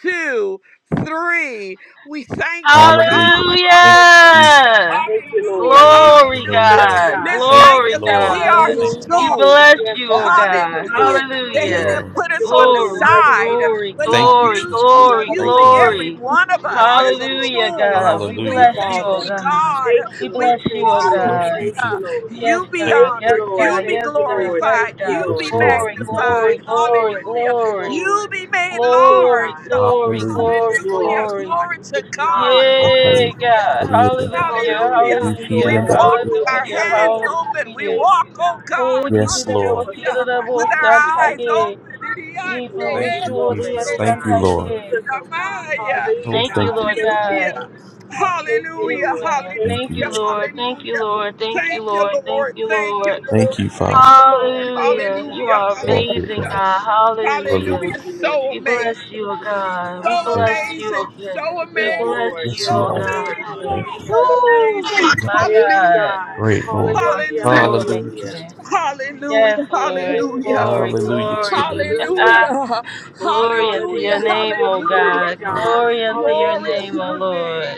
[SPEAKER 2] two, three. We thank you,
[SPEAKER 1] Hallelujah.
[SPEAKER 2] God.
[SPEAKER 1] Thank you, Jesus.
[SPEAKER 2] Hallelujah,
[SPEAKER 5] Hallelujah!
[SPEAKER 6] Thank you,
[SPEAKER 2] hallelujah,
[SPEAKER 6] Lord.
[SPEAKER 1] Glory to
[SPEAKER 5] Glory,
[SPEAKER 1] your name,
[SPEAKER 2] hallelujah.
[SPEAKER 6] Thank you,
[SPEAKER 1] Lord.
[SPEAKER 5] God.
[SPEAKER 2] Let's
[SPEAKER 6] God.
[SPEAKER 1] Thank
[SPEAKER 2] thank
[SPEAKER 5] Glory,
[SPEAKER 1] you,
[SPEAKER 2] Him that
[SPEAKER 1] Lord.
[SPEAKER 2] we
[SPEAKER 5] God.
[SPEAKER 2] are
[SPEAKER 1] Thank
[SPEAKER 2] His
[SPEAKER 4] Hallelujah.
[SPEAKER 1] you, Jesus.
[SPEAKER 5] We
[SPEAKER 2] tools.
[SPEAKER 5] bless
[SPEAKER 6] Yes,
[SPEAKER 5] you,
[SPEAKER 4] Hallelujah.
[SPEAKER 5] oh
[SPEAKER 6] God, you're
[SPEAKER 5] God.
[SPEAKER 6] so
[SPEAKER 2] Hallelujah.
[SPEAKER 6] good,
[SPEAKER 2] That
[SPEAKER 6] God.
[SPEAKER 1] Hallelujah,
[SPEAKER 2] He
[SPEAKER 5] Hallelujah.
[SPEAKER 2] didn't
[SPEAKER 1] Lord.
[SPEAKER 2] put us
[SPEAKER 6] You're
[SPEAKER 2] on
[SPEAKER 6] more
[SPEAKER 2] the
[SPEAKER 6] than
[SPEAKER 5] Glory,
[SPEAKER 6] worthy,
[SPEAKER 2] side,
[SPEAKER 6] God.
[SPEAKER 5] glory,
[SPEAKER 2] but
[SPEAKER 1] Thank
[SPEAKER 2] He
[SPEAKER 1] you,
[SPEAKER 5] glory,
[SPEAKER 1] Jesus.
[SPEAKER 2] used
[SPEAKER 6] We
[SPEAKER 2] He's
[SPEAKER 5] glory,
[SPEAKER 6] love you,
[SPEAKER 1] Thank you,
[SPEAKER 2] using
[SPEAKER 6] Lord.
[SPEAKER 1] Lord.
[SPEAKER 2] every
[SPEAKER 5] glory.
[SPEAKER 2] one of
[SPEAKER 6] We
[SPEAKER 2] us
[SPEAKER 6] honor
[SPEAKER 2] as a
[SPEAKER 6] you, oh
[SPEAKER 5] Hallelujah,
[SPEAKER 6] God.
[SPEAKER 2] tool.
[SPEAKER 5] God.
[SPEAKER 4] Thank
[SPEAKER 5] We
[SPEAKER 4] you,
[SPEAKER 2] We
[SPEAKER 1] Hallelujah,
[SPEAKER 6] Hallelujah,
[SPEAKER 5] bless
[SPEAKER 1] Jesus.
[SPEAKER 5] you,
[SPEAKER 2] thank
[SPEAKER 4] Father.
[SPEAKER 6] God.
[SPEAKER 5] oh
[SPEAKER 2] you,
[SPEAKER 5] God.
[SPEAKER 2] God.
[SPEAKER 6] Thank
[SPEAKER 5] We
[SPEAKER 6] you,
[SPEAKER 2] We
[SPEAKER 5] bless
[SPEAKER 6] Lord.
[SPEAKER 5] you,
[SPEAKER 6] Thank
[SPEAKER 5] oh
[SPEAKER 6] you, Lord.
[SPEAKER 1] Bless
[SPEAKER 5] God.
[SPEAKER 1] you,
[SPEAKER 6] Thank
[SPEAKER 1] Jesus.
[SPEAKER 2] hallelujah.
[SPEAKER 6] you, Lord.
[SPEAKER 5] Yes,
[SPEAKER 2] You be
[SPEAKER 1] Thank
[SPEAKER 5] God.
[SPEAKER 6] Thank
[SPEAKER 1] you,
[SPEAKER 5] Yes,
[SPEAKER 2] honored.
[SPEAKER 6] you, Lord.
[SPEAKER 5] God.
[SPEAKER 2] You be
[SPEAKER 5] Yes,
[SPEAKER 6] Thank you,
[SPEAKER 5] God.
[SPEAKER 6] Lord.
[SPEAKER 5] Yes,
[SPEAKER 2] glorified.
[SPEAKER 6] Thank you,
[SPEAKER 5] God.
[SPEAKER 2] You
[SPEAKER 1] Lord.
[SPEAKER 2] be
[SPEAKER 1] Yes,
[SPEAKER 6] Lord.
[SPEAKER 1] Lord.
[SPEAKER 5] Glory,
[SPEAKER 1] You be glory.
[SPEAKER 2] magnified.
[SPEAKER 6] Thank
[SPEAKER 5] glory,
[SPEAKER 6] you,
[SPEAKER 5] glory,
[SPEAKER 6] Lord. Thank
[SPEAKER 2] Hallelujah.
[SPEAKER 6] you,
[SPEAKER 5] glory.
[SPEAKER 2] You
[SPEAKER 6] Lord.
[SPEAKER 2] be made
[SPEAKER 6] You, oh
[SPEAKER 5] Glory,
[SPEAKER 2] large.
[SPEAKER 5] glory,
[SPEAKER 6] God. You
[SPEAKER 1] Hallelujah.
[SPEAKER 6] get the
[SPEAKER 5] glory,
[SPEAKER 2] Hallelujah.
[SPEAKER 6] glory, oh
[SPEAKER 5] glory.
[SPEAKER 6] God.
[SPEAKER 2] Glory
[SPEAKER 6] You
[SPEAKER 2] to
[SPEAKER 6] get the
[SPEAKER 2] God.
[SPEAKER 6] honor, oh God.
[SPEAKER 5] Yeah, God.
[SPEAKER 2] Hallelujah.
[SPEAKER 5] Hallelujah.
[SPEAKER 1] Okay.
[SPEAKER 6] Hallelujah.
[SPEAKER 2] Hallelujah.
[SPEAKER 1] You
[SPEAKER 6] Your
[SPEAKER 1] keep
[SPEAKER 5] Hallelujah.
[SPEAKER 2] We
[SPEAKER 6] your way,
[SPEAKER 2] walk
[SPEAKER 6] your
[SPEAKER 2] with
[SPEAKER 6] will be
[SPEAKER 2] our
[SPEAKER 5] Hallelujah.
[SPEAKER 6] done, oh
[SPEAKER 2] hands
[SPEAKER 6] God.
[SPEAKER 2] open.
[SPEAKER 6] We
[SPEAKER 2] We
[SPEAKER 5] Hallelujah.
[SPEAKER 6] thank
[SPEAKER 2] walk,
[SPEAKER 6] you,
[SPEAKER 2] oh
[SPEAKER 6] God.
[SPEAKER 5] Oh,
[SPEAKER 2] God.
[SPEAKER 5] this is
[SPEAKER 1] Yes,
[SPEAKER 5] the
[SPEAKER 6] Help
[SPEAKER 5] boss.
[SPEAKER 1] Lord.
[SPEAKER 6] us,
[SPEAKER 5] Here
[SPEAKER 6] oh
[SPEAKER 2] Hallelujah.
[SPEAKER 5] the
[SPEAKER 6] God.
[SPEAKER 2] With
[SPEAKER 5] boss.
[SPEAKER 2] our
[SPEAKER 6] Change us,
[SPEAKER 5] Santa
[SPEAKER 6] oh
[SPEAKER 2] eyes open.
[SPEAKER 5] ye.
[SPEAKER 6] God,
[SPEAKER 5] Ye
[SPEAKER 2] Idiate,
[SPEAKER 6] to walk
[SPEAKER 5] babo
[SPEAKER 1] Thank
[SPEAKER 6] in
[SPEAKER 1] you,
[SPEAKER 6] your
[SPEAKER 5] sure
[SPEAKER 6] way,
[SPEAKER 5] yes,
[SPEAKER 1] Jesus.
[SPEAKER 2] eboshe,
[SPEAKER 6] oh
[SPEAKER 1] Thank you,
[SPEAKER 5] Santa ye.
[SPEAKER 6] God.
[SPEAKER 1] Lord.
[SPEAKER 6] Use us, oh God.
[SPEAKER 2] iramaya.
[SPEAKER 1] Oh,
[SPEAKER 6] Hallelujah,
[SPEAKER 5] Thank
[SPEAKER 1] thank
[SPEAKER 5] you,
[SPEAKER 6] God.
[SPEAKER 1] you,
[SPEAKER 5] Lord
[SPEAKER 1] Jesus.
[SPEAKER 6] Thank you,
[SPEAKER 5] God.
[SPEAKER 2] Hallelujah.
[SPEAKER 6] Lord. Thank you,
[SPEAKER 5] Yes,
[SPEAKER 2] Hallelujah.
[SPEAKER 6] Lord.
[SPEAKER 5] God.
[SPEAKER 1] Thank
[SPEAKER 6] Thank
[SPEAKER 5] Thank
[SPEAKER 6] you,
[SPEAKER 1] you.
[SPEAKER 5] you,
[SPEAKER 2] Hallelujah.
[SPEAKER 1] Jesus.
[SPEAKER 5] Lord.
[SPEAKER 6] Lord.
[SPEAKER 5] Thank you,
[SPEAKER 2] Hallelujah.
[SPEAKER 5] Lord. Thank you,
[SPEAKER 2] Thank you,
[SPEAKER 5] Lord. Thank
[SPEAKER 2] Lord.
[SPEAKER 5] you,
[SPEAKER 2] Thank you,
[SPEAKER 5] Lord.
[SPEAKER 6] Thank you,
[SPEAKER 1] Thank
[SPEAKER 2] Lord.
[SPEAKER 1] you,
[SPEAKER 6] God.
[SPEAKER 2] Thank
[SPEAKER 1] Father.
[SPEAKER 2] you, Lord.
[SPEAKER 6] Thank you,
[SPEAKER 5] Hallelujah. You
[SPEAKER 6] God.
[SPEAKER 2] Hallelujah.
[SPEAKER 5] are
[SPEAKER 6] Thank
[SPEAKER 1] Lord,
[SPEAKER 6] you,
[SPEAKER 1] dear
[SPEAKER 5] amazing,
[SPEAKER 2] Hallelujah.
[SPEAKER 1] God.
[SPEAKER 5] God.
[SPEAKER 6] God.
[SPEAKER 1] Hallelujah.
[SPEAKER 5] Hallelujah.
[SPEAKER 2] Hallelujah.
[SPEAKER 6] Thank you, Lord
[SPEAKER 2] So
[SPEAKER 5] We
[SPEAKER 2] amazing.
[SPEAKER 5] bless
[SPEAKER 6] Jesus.
[SPEAKER 5] you, oh
[SPEAKER 6] Oh,
[SPEAKER 5] God. We
[SPEAKER 6] God.
[SPEAKER 2] So
[SPEAKER 1] Thank
[SPEAKER 5] bless you, oh
[SPEAKER 2] amazing.
[SPEAKER 5] God.
[SPEAKER 2] So
[SPEAKER 5] We
[SPEAKER 6] Yes,
[SPEAKER 2] amazing.
[SPEAKER 5] bless
[SPEAKER 1] you.
[SPEAKER 6] Lord.
[SPEAKER 5] you,
[SPEAKER 1] Yes,
[SPEAKER 2] So
[SPEAKER 6] Yes,
[SPEAKER 1] you
[SPEAKER 5] oh
[SPEAKER 1] are.
[SPEAKER 6] Lord.
[SPEAKER 5] God.
[SPEAKER 2] amazing.
[SPEAKER 1] Thank you.
[SPEAKER 6] Hallelujah,
[SPEAKER 2] So
[SPEAKER 6] God.
[SPEAKER 5] Woo!
[SPEAKER 2] amazing.
[SPEAKER 1] You are
[SPEAKER 5] My
[SPEAKER 6] Thank you,
[SPEAKER 2] Hallelujah.
[SPEAKER 5] God.
[SPEAKER 6] God.
[SPEAKER 1] great,
[SPEAKER 5] You
[SPEAKER 1] Lord.
[SPEAKER 5] are
[SPEAKER 6] Hallelujah,
[SPEAKER 5] so
[SPEAKER 2] Hallelujah.
[SPEAKER 1] Hallelujah,
[SPEAKER 6] hallelujah.
[SPEAKER 1] Jesus.
[SPEAKER 5] amazing. Yes,
[SPEAKER 2] Hallelujah.
[SPEAKER 5] Lord.
[SPEAKER 6] Hallelujah,
[SPEAKER 2] Hallelujah.
[SPEAKER 5] Glory,
[SPEAKER 1] Hallelujah
[SPEAKER 6] hallelujah,
[SPEAKER 1] to
[SPEAKER 5] glory.
[SPEAKER 1] your name, Jesus.
[SPEAKER 6] hallelujah.
[SPEAKER 2] Hallelujah.
[SPEAKER 5] glory unto your
[SPEAKER 2] Hallelujah.
[SPEAKER 6] Hallelujah.
[SPEAKER 5] name,
[SPEAKER 6] We give
[SPEAKER 5] O
[SPEAKER 6] you
[SPEAKER 2] Hallelujah.
[SPEAKER 6] glory,
[SPEAKER 5] God.
[SPEAKER 6] God.
[SPEAKER 5] Glory unto your
[SPEAKER 2] Glory
[SPEAKER 6] Hallelujah.
[SPEAKER 5] name,
[SPEAKER 2] to
[SPEAKER 5] O
[SPEAKER 2] your name.
[SPEAKER 5] Lord.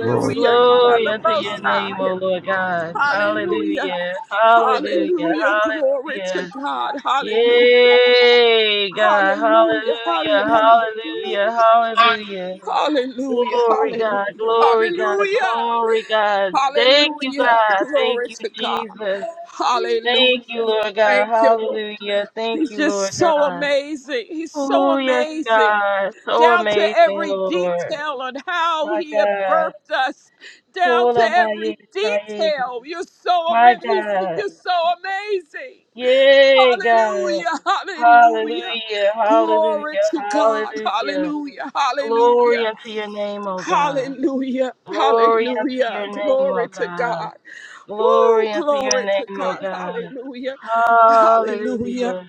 [SPEAKER 1] Hallelujah.
[SPEAKER 2] You are
[SPEAKER 5] Glory
[SPEAKER 2] the
[SPEAKER 5] unto
[SPEAKER 6] hallelujah,
[SPEAKER 5] your
[SPEAKER 2] most
[SPEAKER 5] name,
[SPEAKER 2] high.
[SPEAKER 6] hallelujah.
[SPEAKER 5] O Lord God.
[SPEAKER 2] Hallelujah.
[SPEAKER 5] Hallelujah. Hallelujah.
[SPEAKER 2] Hallelujah. Glory to
[SPEAKER 5] Hallelujah.
[SPEAKER 2] God. Hallelujah.
[SPEAKER 5] Yay, God.
[SPEAKER 2] Hallelujah.
[SPEAKER 5] Hallelujah.
[SPEAKER 2] Hallelujah.
[SPEAKER 5] Hallelujah. Hallelujah.
[SPEAKER 2] Hallelujah.
[SPEAKER 5] Glory,
[SPEAKER 2] Hallelujah.
[SPEAKER 5] God. Glory, God.
[SPEAKER 2] Hallelujah.
[SPEAKER 5] Glory, God. Thank you,
[SPEAKER 2] Hallelujah.
[SPEAKER 5] God. Thank
[SPEAKER 2] Glory
[SPEAKER 5] you,
[SPEAKER 2] to God.
[SPEAKER 5] Jesus. Thank you,
[SPEAKER 2] Hallelujah.
[SPEAKER 5] Lord God.
[SPEAKER 2] Thank you, Lord.
[SPEAKER 5] Hallelujah. Thank
[SPEAKER 2] He's
[SPEAKER 5] you, Lord
[SPEAKER 2] just so
[SPEAKER 5] God.
[SPEAKER 2] amazing. He's so
[SPEAKER 5] Oh, yes,
[SPEAKER 2] amazing.
[SPEAKER 5] God. So
[SPEAKER 2] down to
[SPEAKER 5] amazing,
[SPEAKER 2] every
[SPEAKER 5] Lord.
[SPEAKER 2] detail on how
[SPEAKER 5] My
[SPEAKER 2] he had
[SPEAKER 5] God.
[SPEAKER 2] birthed us, down to
[SPEAKER 5] Kola na
[SPEAKER 2] every
[SPEAKER 5] ye shaye.
[SPEAKER 2] detail. You're so
[SPEAKER 5] My
[SPEAKER 2] amazing.
[SPEAKER 5] God.
[SPEAKER 2] You're so amazing.
[SPEAKER 5] Yay, God.
[SPEAKER 2] Hallelujah. Hallelujah.
[SPEAKER 5] Hallelujah.
[SPEAKER 2] Glory
[SPEAKER 5] Hallelujah.
[SPEAKER 2] to God.
[SPEAKER 5] Hallelujah.
[SPEAKER 2] Hallelujah.
[SPEAKER 5] Glory
[SPEAKER 2] Hallelujah.
[SPEAKER 5] unto your name, O God.
[SPEAKER 2] Hallelujah.
[SPEAKER 5] Glory unto
[SPEAKER 2] Hallelujah.
[SPEAKER 5] your name, O
[SPEAKER 2] Glory to
[SPEAKER 5] God.
[SPEAKER 2] God.
[SPEAKER 5] Glory
[SPEAKER 2] Woo,
[SPEAKER 5] unto your
[SPEAKER 2] glory to
[SPEAKER 5] name, O
[SPEAKER 2] God.
[SPEAKER 5] God.
[SPEAKER 2] Hallelujah. Hallelujah
[SPEAKER 5] Hallelujah.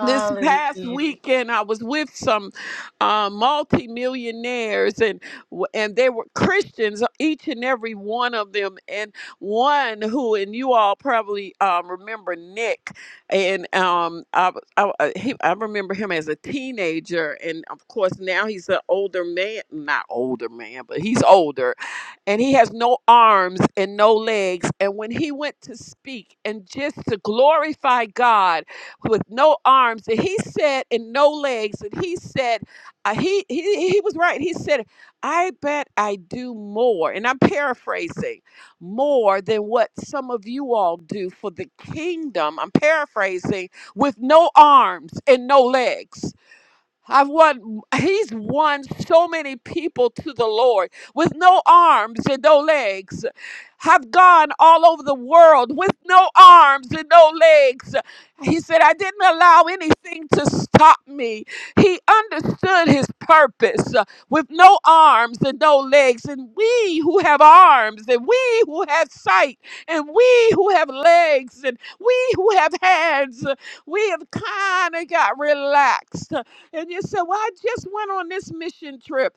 [SPEAKER 2] this past weekend I was with some uh, multimillionaires and w- and they were Christians each and every one of them and one who and you all probably um, remember Nick and um I, w- I, w- uh, he, I remember him as a teenager and of course now he's an older man not older man but he's older and he has no arms and no legs and when he went to speak and just to glorify God with no arms and he said and no legs and he said uh, he, he he was right he said i bet i do more and i'm paraphrasing more than what some of you all do for the kingdom i'm paraphrasing with no arms and no legs I've won, he's won so many people to the Lord with no arms and no legs. Have gone all over the world with no arms and no legs. He said, I didn't allow anything to stop me. He understood his purpose uh, with no arms and no legs. And we who have arms, and we who have sight, and we who have legs, and we who have hands, uh, we have kind of got relaxed uh, and you say, Well, I just went on this mission trip.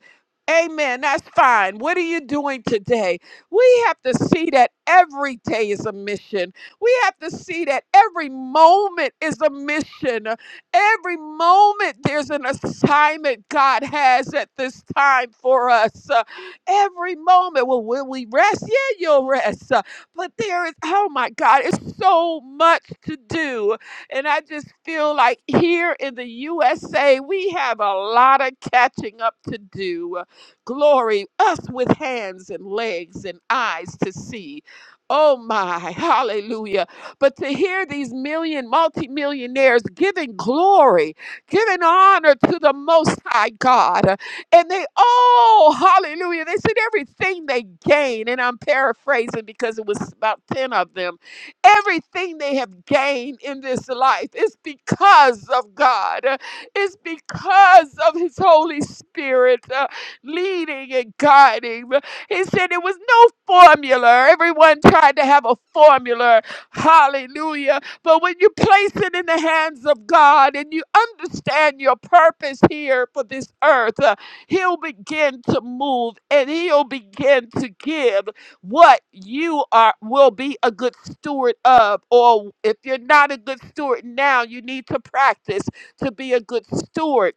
[SPEAKER 2] Amen. That's fine. What are you doing today? We have to see that every day is a mission. We have to see that every moment is a mission. Every moment there's an assignment God has at this time for us. Uh, every moment. Well, will we rest? Yeah, you'll rest. Uh, but there is, oh my God, it's so much to do and I just feel like here in the USA, we have a lot of catching up to do. Glory, us with hands and legs and eyes to see. Oh my, hallelujah. But to hear these million, multimillionaires giving glory, giving honor to the Most High God. And they all, hallelujah, they said everything they gain. And I'm paraphrasing because it was about 10 of them Everything they have gained in this life is because of God. Uh, It's because of His Holy Spirit uh, leading and guiding. Uh, He said it was no formula. Everyone tried to have a formula. Hallelujah. But when you place it in the hands of God and you understand your purpose here for this earth, uh, He'll begin to move and He'll begin to give what you are will be a good steward of or if you're not a good steward now you need to practice to be a good steward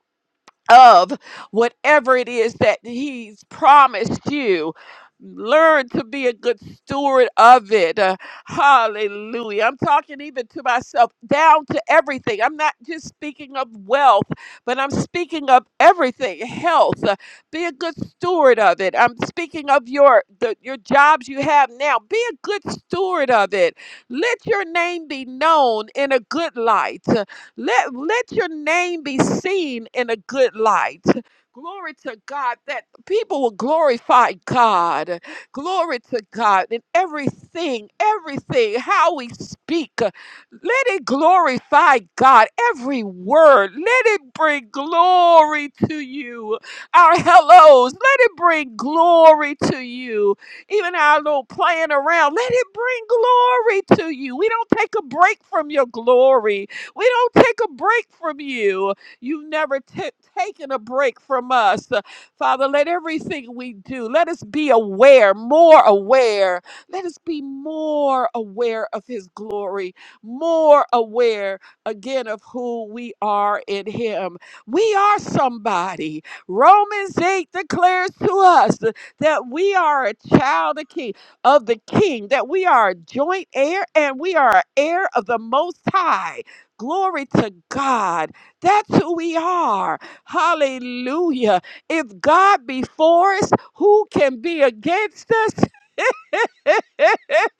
[SPEAKER 2] of whatever it is that he's promised you. Learn to be a good steward of it. Uh, hallelujah. I'm talking even to myself, down to everything. I'm not just speaking of wealth, but I'm speaking of everything health. Uh, be a good steward of it. I'm speaking of your, the, your jobs you have now. Be a good steward of it. Let your name be known in a good light. Let, let your name be seen in a good light. Glory to God that people will glorify God. Glory to God in everything, everything, how we speak. Let it glorify God. Every word, let it bring glory to you. Our hellos, let it bring glory to you. Even our little playing around, let it bring glory to you. We don't take a break from your glory. We don't take a break from you. You've never ta- taken a break from us. Uh, Father, let everything we do, let us be aware, more aware. Let us be more aware of His glory, more aware again of who we are in Him. We are somebody. Romans 8 declares to us that we are a child of King, of the King, that we are a joint heir and we are an heir of the Most High. Glory to God. That's who we are. Hallelujah. If God be for us, who can be against us?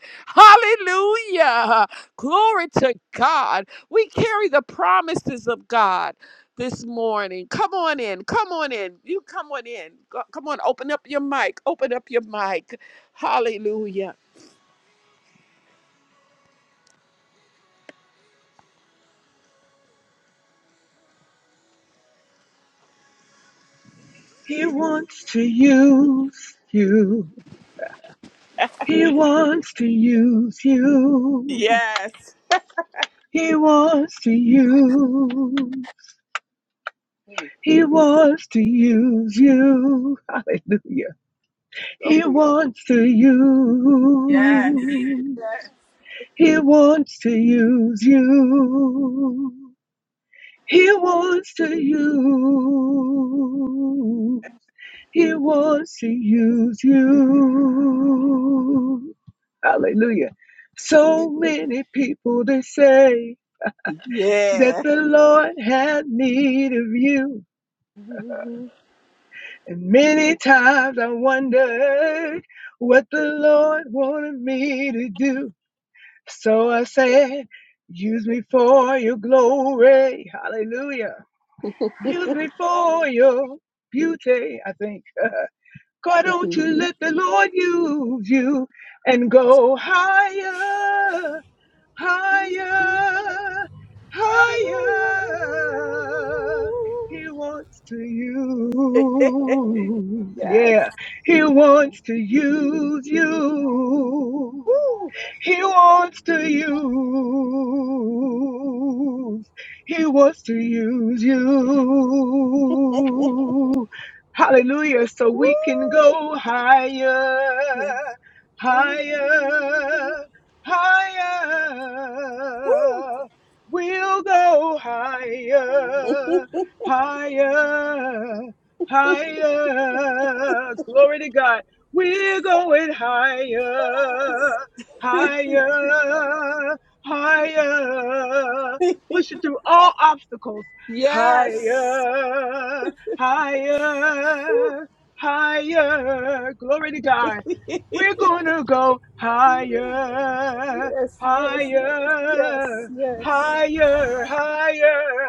[SPEAKER 2] Hallelujah. Glory to God. We carry the promises of God this morning. Come on in. Come on in. You come on in. Go- Come on. Open up your mic. Open up your mic. Hallelujah.
[SPEAKER 7] He wants to use you. He wants to use you.
[SPEAKER 2] Yes.
[SPEAKER 7] He wants to use.
[SPEAKER 2] Okay.
[SPEAKER 7] He wants to use you. Hallelujah.
[SPEAKER 2] Go
[SPEAKER 7] He wants to
[SPEAKER 2] Yes.
[SPEAKER 7] use. He wants to use you. He wants to use. He wants to use you. Hallelujah. So many people they say that
[SPEAKER 2] Yeah.
[SPEAKER 7] the Lord had need of you.
[SPEAKER 2] yes.
[SPEAKER 7] And many times I wondered what the Lord wanted me to do. So I said, use me for your glory. Hallelujah. Use me for your beauty, I think. God, don't you let the Lord use you and go higher higher, higher. He wants to use, yeah, he wants to use you.
[SPEAKER 2] Woo.
[SPEAKER 7] He wants to use, he wants to use you. Hallelujah. So
[SPEAKER 2] Woo.
[SPEAKER 7] we can go higher,
[SPEAKER 2] Yes.
[SPEAKER 7] higher
[SPEAKER 2] Woo.
[SPEAKER 7] higher. We'll go higher, higher, higher. Glory to God. We're going higher, higher, higher. Pushing through all obstacles.
[SPEAKER 2] Yes.
[SPEAKER 7] Higher,
[SPEAKER 2] Woo.
[SPEAKER 7] higher, higher. Glory to God. We're gonna go higher,
[SPEAKER 2] Yes, yes, yes, yes,
[SPEAKER 7] higher, higher,
[SPEAKER 2] yes.
[SPEAKER 7] higher,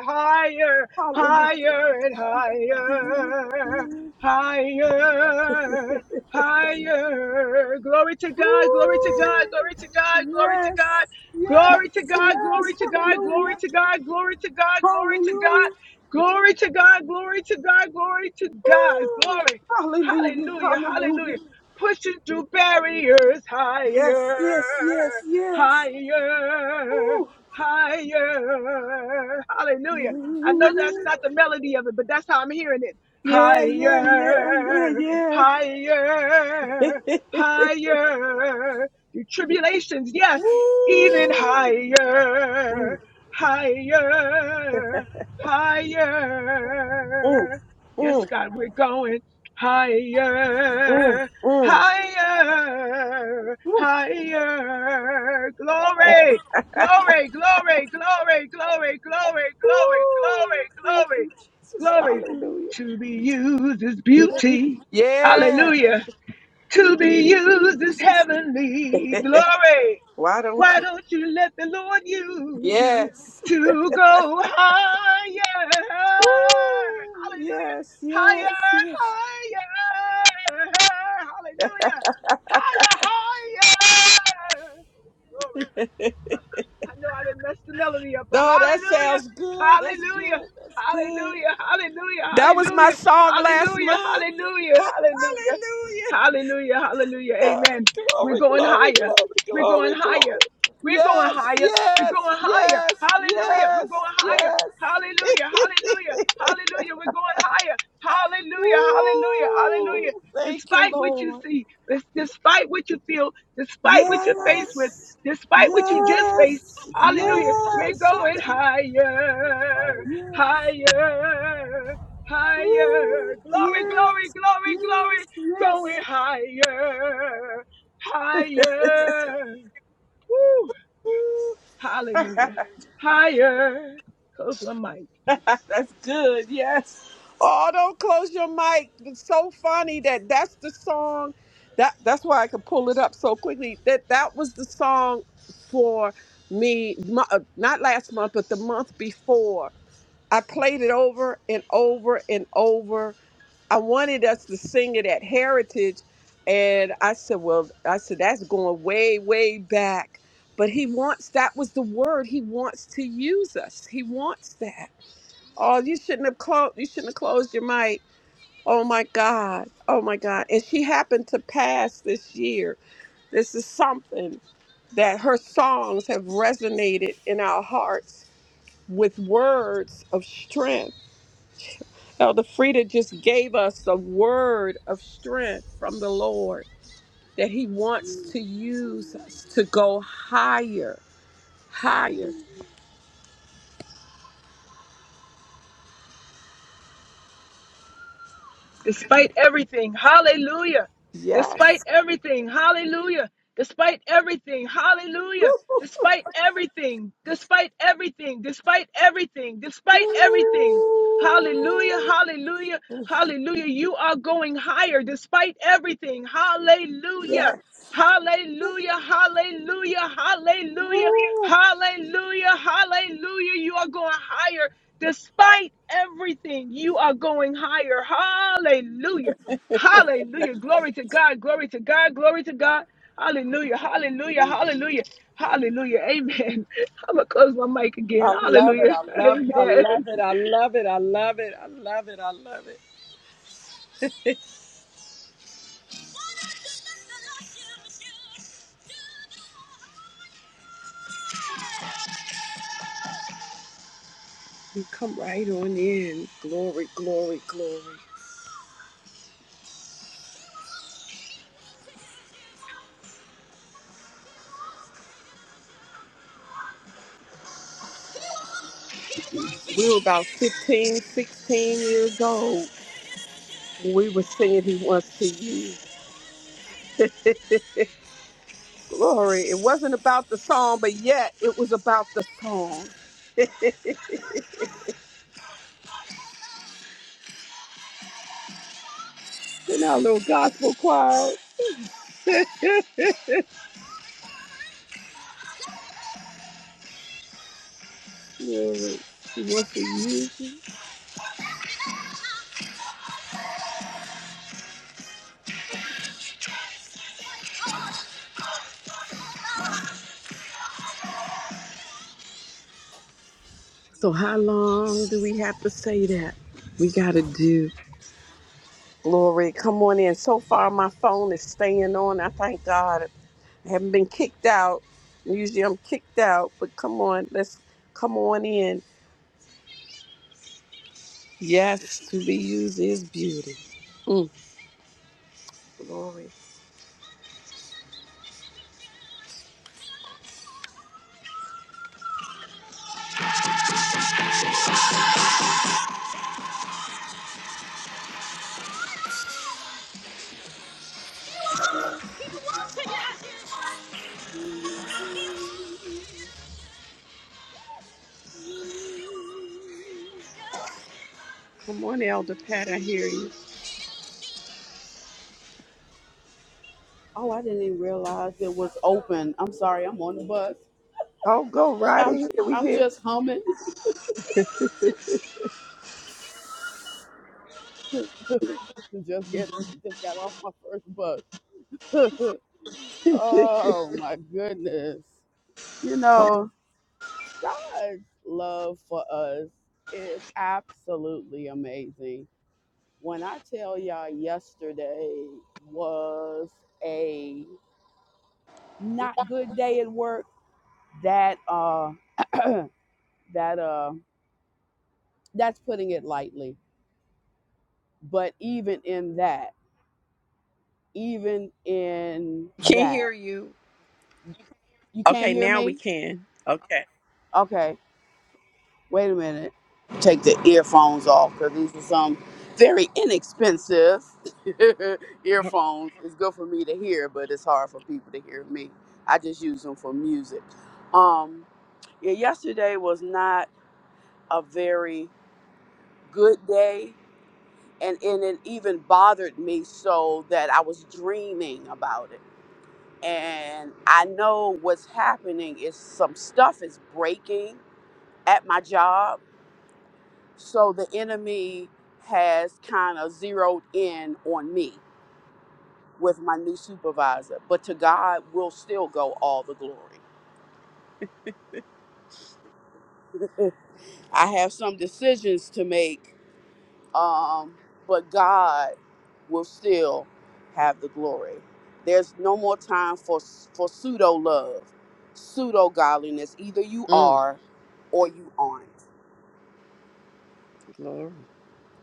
[SPEAKER 7] higher,
[SPEAKER 2] Hallelujah.
[SPEAKER 7] higher and higher,
[SPEAKER 2] Woo.
[SPEAKER 7] higher, higher. Glory to God, glory to God, glory to God, glory to
[SPEAKER 2] Yes,
[SPEAKER 7] God.
[SPEAKER 2] yes,
[SPEAKER 7] Glory to God,
[SPEAKER 2] yes.
[SPEAKER 7] glory to God, glory
[SPEAKER 2] Hallelujah.
[SPEAKER 7] to God, glory to God, glory to
[SPEAKER 2] Hallelujah.
[SPEAKER 7] God, glory to God, glory to God, glory to God,
[SPEAKER 2] Woo.
[SPEAKER 7] glory.
[SPEAKER 2] Hallelujah.
[SPEAKER 7] Hallelujah,
[SPEAKER 2] Hallelujah.
[SPEAKER 7] hallelujah pushing through barriers
[SPEAKER 2] Yes,
[SPEAKER 7] higher,
[SPEAKER 2] yes, yes, yes.
[SPEAKER 7] higher,
[SPEAKER 2] Ooh.
[SPEAKER 7] higher. Hallelujah. I know that's
[SPEAKER 2] Ooh.
[SPEAKER 7] not the melody of it, but that's how I'm hearing it.
[SPEAKER 2] Yeah, yeah, yeah,
[SPEAKER 7] Higher,
[SPEAKER 2] yeah, yeah.
[SPEAKER 7] higher, higher. Your tribulations, yes, even
[SPEAKER 2] Ooh. Mm,
[SPEAKER 7] higher, higher,
[SPEAKER 2] mm,
[SPEAKER 7] higher. Yes,
[SPEAKER 2] mm,
[SPEAKER 7] God, we're going
[SPEAKER 2] mm,
[SPEAKER 7] higher
[SPEAKER 2] mm.
[SPEAKER 7] higher,
[SPEAKER 2] Ooh.
[SPEAKER 7] higher.
[SPEAKER 2] Yes.
[SPEAKER 7] Glory, glory, glory, glory, glory, glory, glory,
[SPEAKER 2] Ooh. Thank
[SPEAKER 7] glory,
[SPEAKER 2] you,
[SPEAKER 7] glory,
[SPEAKER 2] Jesus.
[SPEAKER 7] glory.
[SPEAKER 2] Hallelujah.
[SPEAKER 7] To be used is beauty.
[SPEAKER 2] Yeah.
[SPEAKER 7] Hallelujah. To be used is heavenly. Glory.
[SPEAKER 2] Why don't
[SPEAKER 7] Why
[SPEAKER 2] you?
[SPEAKER 7] don't you let the Lord use you
[SPEAKER 2] Yes.
[SPEAKER 7] to go higher?
[SPEAKER 2] Ooh.
[SPEAKER 7] Hallelujah.
[SPEAKER 2] Yes, yes,
[SPEAKER 7] Higher,
[SPEAKER 2] yes.
[SPEAKER 7] higher. Hallelujah. Higher, higher. Glory. I know I didn't mess the melody up, but
[SPEAKER 2] No, that
[SPEAKER 7] hallelujah,
[SPEAKER 2] sounds good. That's good.
[SPEAKER 7] hallelujah,
[SPEAKER 2] That's good.
[SPEAKER 7] hallelujah, hallelujah,
[SPEAKER 2] That was my
[SPEAKER 7] hallelujah,
[SPEAKER 2] song last
[SPEAKER 7] hallelujah,
[SPEAKER 2] month.
[SPEAKER 7] hallelujah, hallelujah,
[SPEAKER 2] Hallelujah.
[SPEAKER 7] hallelujah, hallelujah, amen. We're
[SPEAKER 2] Glory,
[SPEAKER 7] going
[SPEAKER 2] glory,
[SPEAKER 7] higher,
[SPEAKER 2] glory,
[SPEAKER 7] we're going
[SPEAKER 2] glory,
[SPEAKER 7] higher,
[SPEAKER 2] glory.
[SPEAKER 7] we're going
[SPEAKER 2] Yes,
[SPEAKER 7] higher, we're
[SPEAKER 2] yes,
[SPEAKER 7] going higher,
[SPEAKER 2] yes,
[SPEAKER 7] hallelujah,
[SPEAKER 2] yes,
[SPEAKER 7] we're going higher,
[SPEAKER 2] yes.
[SPEAKER 7] hallelujah, hallelujah, hallelujah, we're going higher, hallelujah, hallelujah,
[SPEAKER 2] Woo!
[SPEAKER 7] hallelujah.
[SPEAKER 2] Thank you,
[SPEAKER 7] Despite what you
[SPEAKER 2] Lord.
[SPEAKER 7] see, des- despite what you feel, despite what you're
[SPEAKER 8] Despite,
[SPEAKER 7] faced with,
[SPEAKER 2] Yes,
[SPEAKER 7] despite what you just faced.
[SPEAKER 2] yes,
[SPEAKER 8] despite,
[SPEAKER 7] Hallelujah. We're
[SPEAKER 2] yes.
[SPEAKER 7] going
[SPEAKER 2] Hallelujah.
[SPEAKER 7] higher,
[SPEAKER 8] despite.
[SPEAKER 2] Yes.
[SPEAKER 7] higher, higher.
[SPEAKER 2] Woo.
[SPEAKER 7] Glory, glory,
[SPEAKER 2] Yes,
[SPEAKER 7] glory,
[SPEAKER 2] yes,
[SPEAKER 7] glory.
[SPEAKER 2] yes,
[SPEAKER 7] Going higher, higher. Woo. Hallelujah. Higher. Close my mic.
[SPEAKER 2] That's good. Yes. Oh, don't close your mic. It's so funny that that's the song. That that's why I could pull it up so quickly. That that was the song for me. mo- uh, Not last month, but the month before. I played it over and over and over. I wanted us to sing it at Heritage, and I said, "Well, I said that's going way, way back." But he wants. That was the word he wants to use us. He wants that. Oh, you shouldn't have closed. You shouldn't have closed your mic. Oh my God. Oh my God. And she happened to pass this year. This is something that her songs have resonated in our hearts with words of strength. Elder Frida just gave us a word of strength from the Lord that He wants to use us to go higher, higher.
[SPEAKER 7] Despite everything, hallelujah. Despite
[SPEAKER 2] Yes.
[SPEAKER 7] everything, hallelujah. Despite everything, hallelujah. Despite everything, despite everything, despite everything, despite everything. Hallelujah,
[SPEAKER 2] Ooh.
[SPEAKER 7] hallelujah, hallelujah. You are going higher despite everything. Hallelujah.
[SPEAKER 2] Yes.
[SPEAKER 7] Hallelujah, hallelujah, hallelujah,
[SPEAKER 2] Woo!
[SPEAKER 7] hallelujah, hallelujah. You are going higher despite everything. You are going higher. Hallelujah, hallelujah. Glory to God, glory to God, glory to God. Hallelujah, hallelujah, hallelujah, hallelujah. Amen. I'm going to close my mic again.
[SPEAKER 2] I love it.
[SPEAKER 7] Hallelujah,
[SPEAKER 2] I love it. I
[SPEAKER 7] amen.
[SPEAKER 2] love it. I love it. I love it. I love it. I love it. You come right on in. Glory, glory, glory. We were about 15, 16 years old when we were singing He Wants to Use. glory. It wasn't about the song, but yet it was about the song. In our little gospel choir. Glory. He wants to use you. So how long do we have to say that? We got to do. Glory, come on in. So far, my phone is staying on. I thank God. I haven't been kicked out. Usually, I'm kicked out, but come on, let's come on in. Yes, to be used is beauty. Mm, glory. Come on, Elder Pat. I hear you.
[SPEAKER 8] Oh, I didn't even realize it was open. I'm sorry. I'm on the bus.
[SPEAKER 2] Oh, go right in
[SPEAKER 8] I'm
[SPEAKER 2] here. We
[SPEAKER 8] I'm
[SPEAKER 2] hear.
[SPEAKER 8] just humming. just get just got off my first bus. oh my goodness. You
[SPEAKER 2] Come.
[SPEAKER 8] know, God's love for us is absolutely amazing. When I tell y'all yesterday was a not good day at work, that uh that uh that's putting it lightly but even in that even in
[SPEAKER 2] Can't hear
[SPEAKER 8] that
[SPEAKER 2] you.
[SPEAKER 8] you can't
[SPEAKER 2] Okay,
[SPEAKER 8] hear
[SPEAKER 2] now we
[SPEAKER 8] me
[SPEAKER 2] can. Okay.
[SPEAKER 8] okay wait a minute take the earphones off because these are some very inexpensive earphones it's good for me to hear but it's hard for people to hear me i just use them for music um yeah, yesterday was not a very good day and and it even bothered me so that I was dreaming about it. And I know what's happening is some stuff is breaking at my job, so the enemy has kind of zeroed in on me with my new supervisor. But to God will still go all the glory. I have some decisions to make um, but God will still have the glory. There's no more time for for pseudo love, pseudo godliness. Either you
[SPEAKER 2] Mm,
[SPEAKER 8] are, or you aren't.
[SPEAKER 2] glory.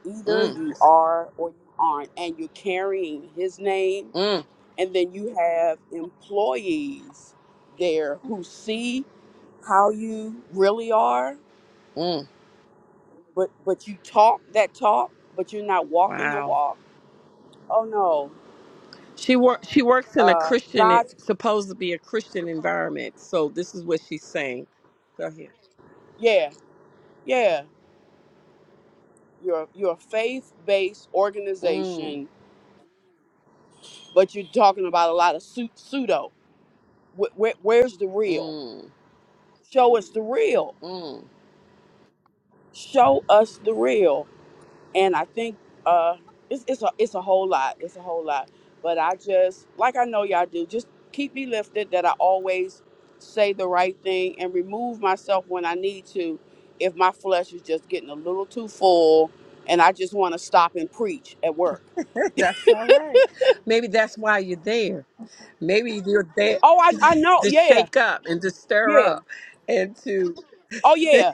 [SPEAKER 8] Either
[SPEAKER 2] Mm,
[SPEAKER 8] you
[SPEAKER 2] that's-
[SPEAKER 8] are or you aren't, and you're carrying His name,
[SPEAKER 2] mm,
[SPEAKER 8] and then you have employees there who see how you really are,
[SPEAKER 2] mm.
[SPEAKER 8] but but you talk that talk, but you're not walking the
[SPEAKER 2] Wow.
[SPEAKER 8] walk. Oh no,
[SPEAKER 2] She work she works in a
[SPEAKER 8] uh,
[SPEAKER 2] Christian
[SPEAKER 8] God
[SPEAKER 2] supposed to be a Christian environment. So this is what she's saying. Go ahead.
[SPEAKER 8] Yeah, yeah. You're you're a faith based
[SPEAKER 2] Mm,
[SPEAKER 8] organization, but you're talking about a lot of su- pseudo. Wh- wh- where's the real?
[SPEAKER 2] mm,
[SPEAKER 8] Show us the real.
[SPEAKER 2] mm.
[SPEAKER 8] Show us the real. And I think uh, it's it's a it's a whole lot. It's a whole lot. But I just like I know y'all do. Just keep me lifted that I always say the right thing and remove myself when I need to. If my flesh is just getting a little too full, and I just want to stop and preach at work
[SPEAKER 2] that's all right. Maybe that's why you're there. Maybe you're there
[SPEAKER 8] Oh, I, I know.
[SPEAKER 2] to
[SPEAKER 8] Yeah,
[SPEAKER 2] shake up and to stir
[SPEAKER 8] yeah.
[SPEAKER 2] up and to
[SPEAKER 8] Oh, yeah.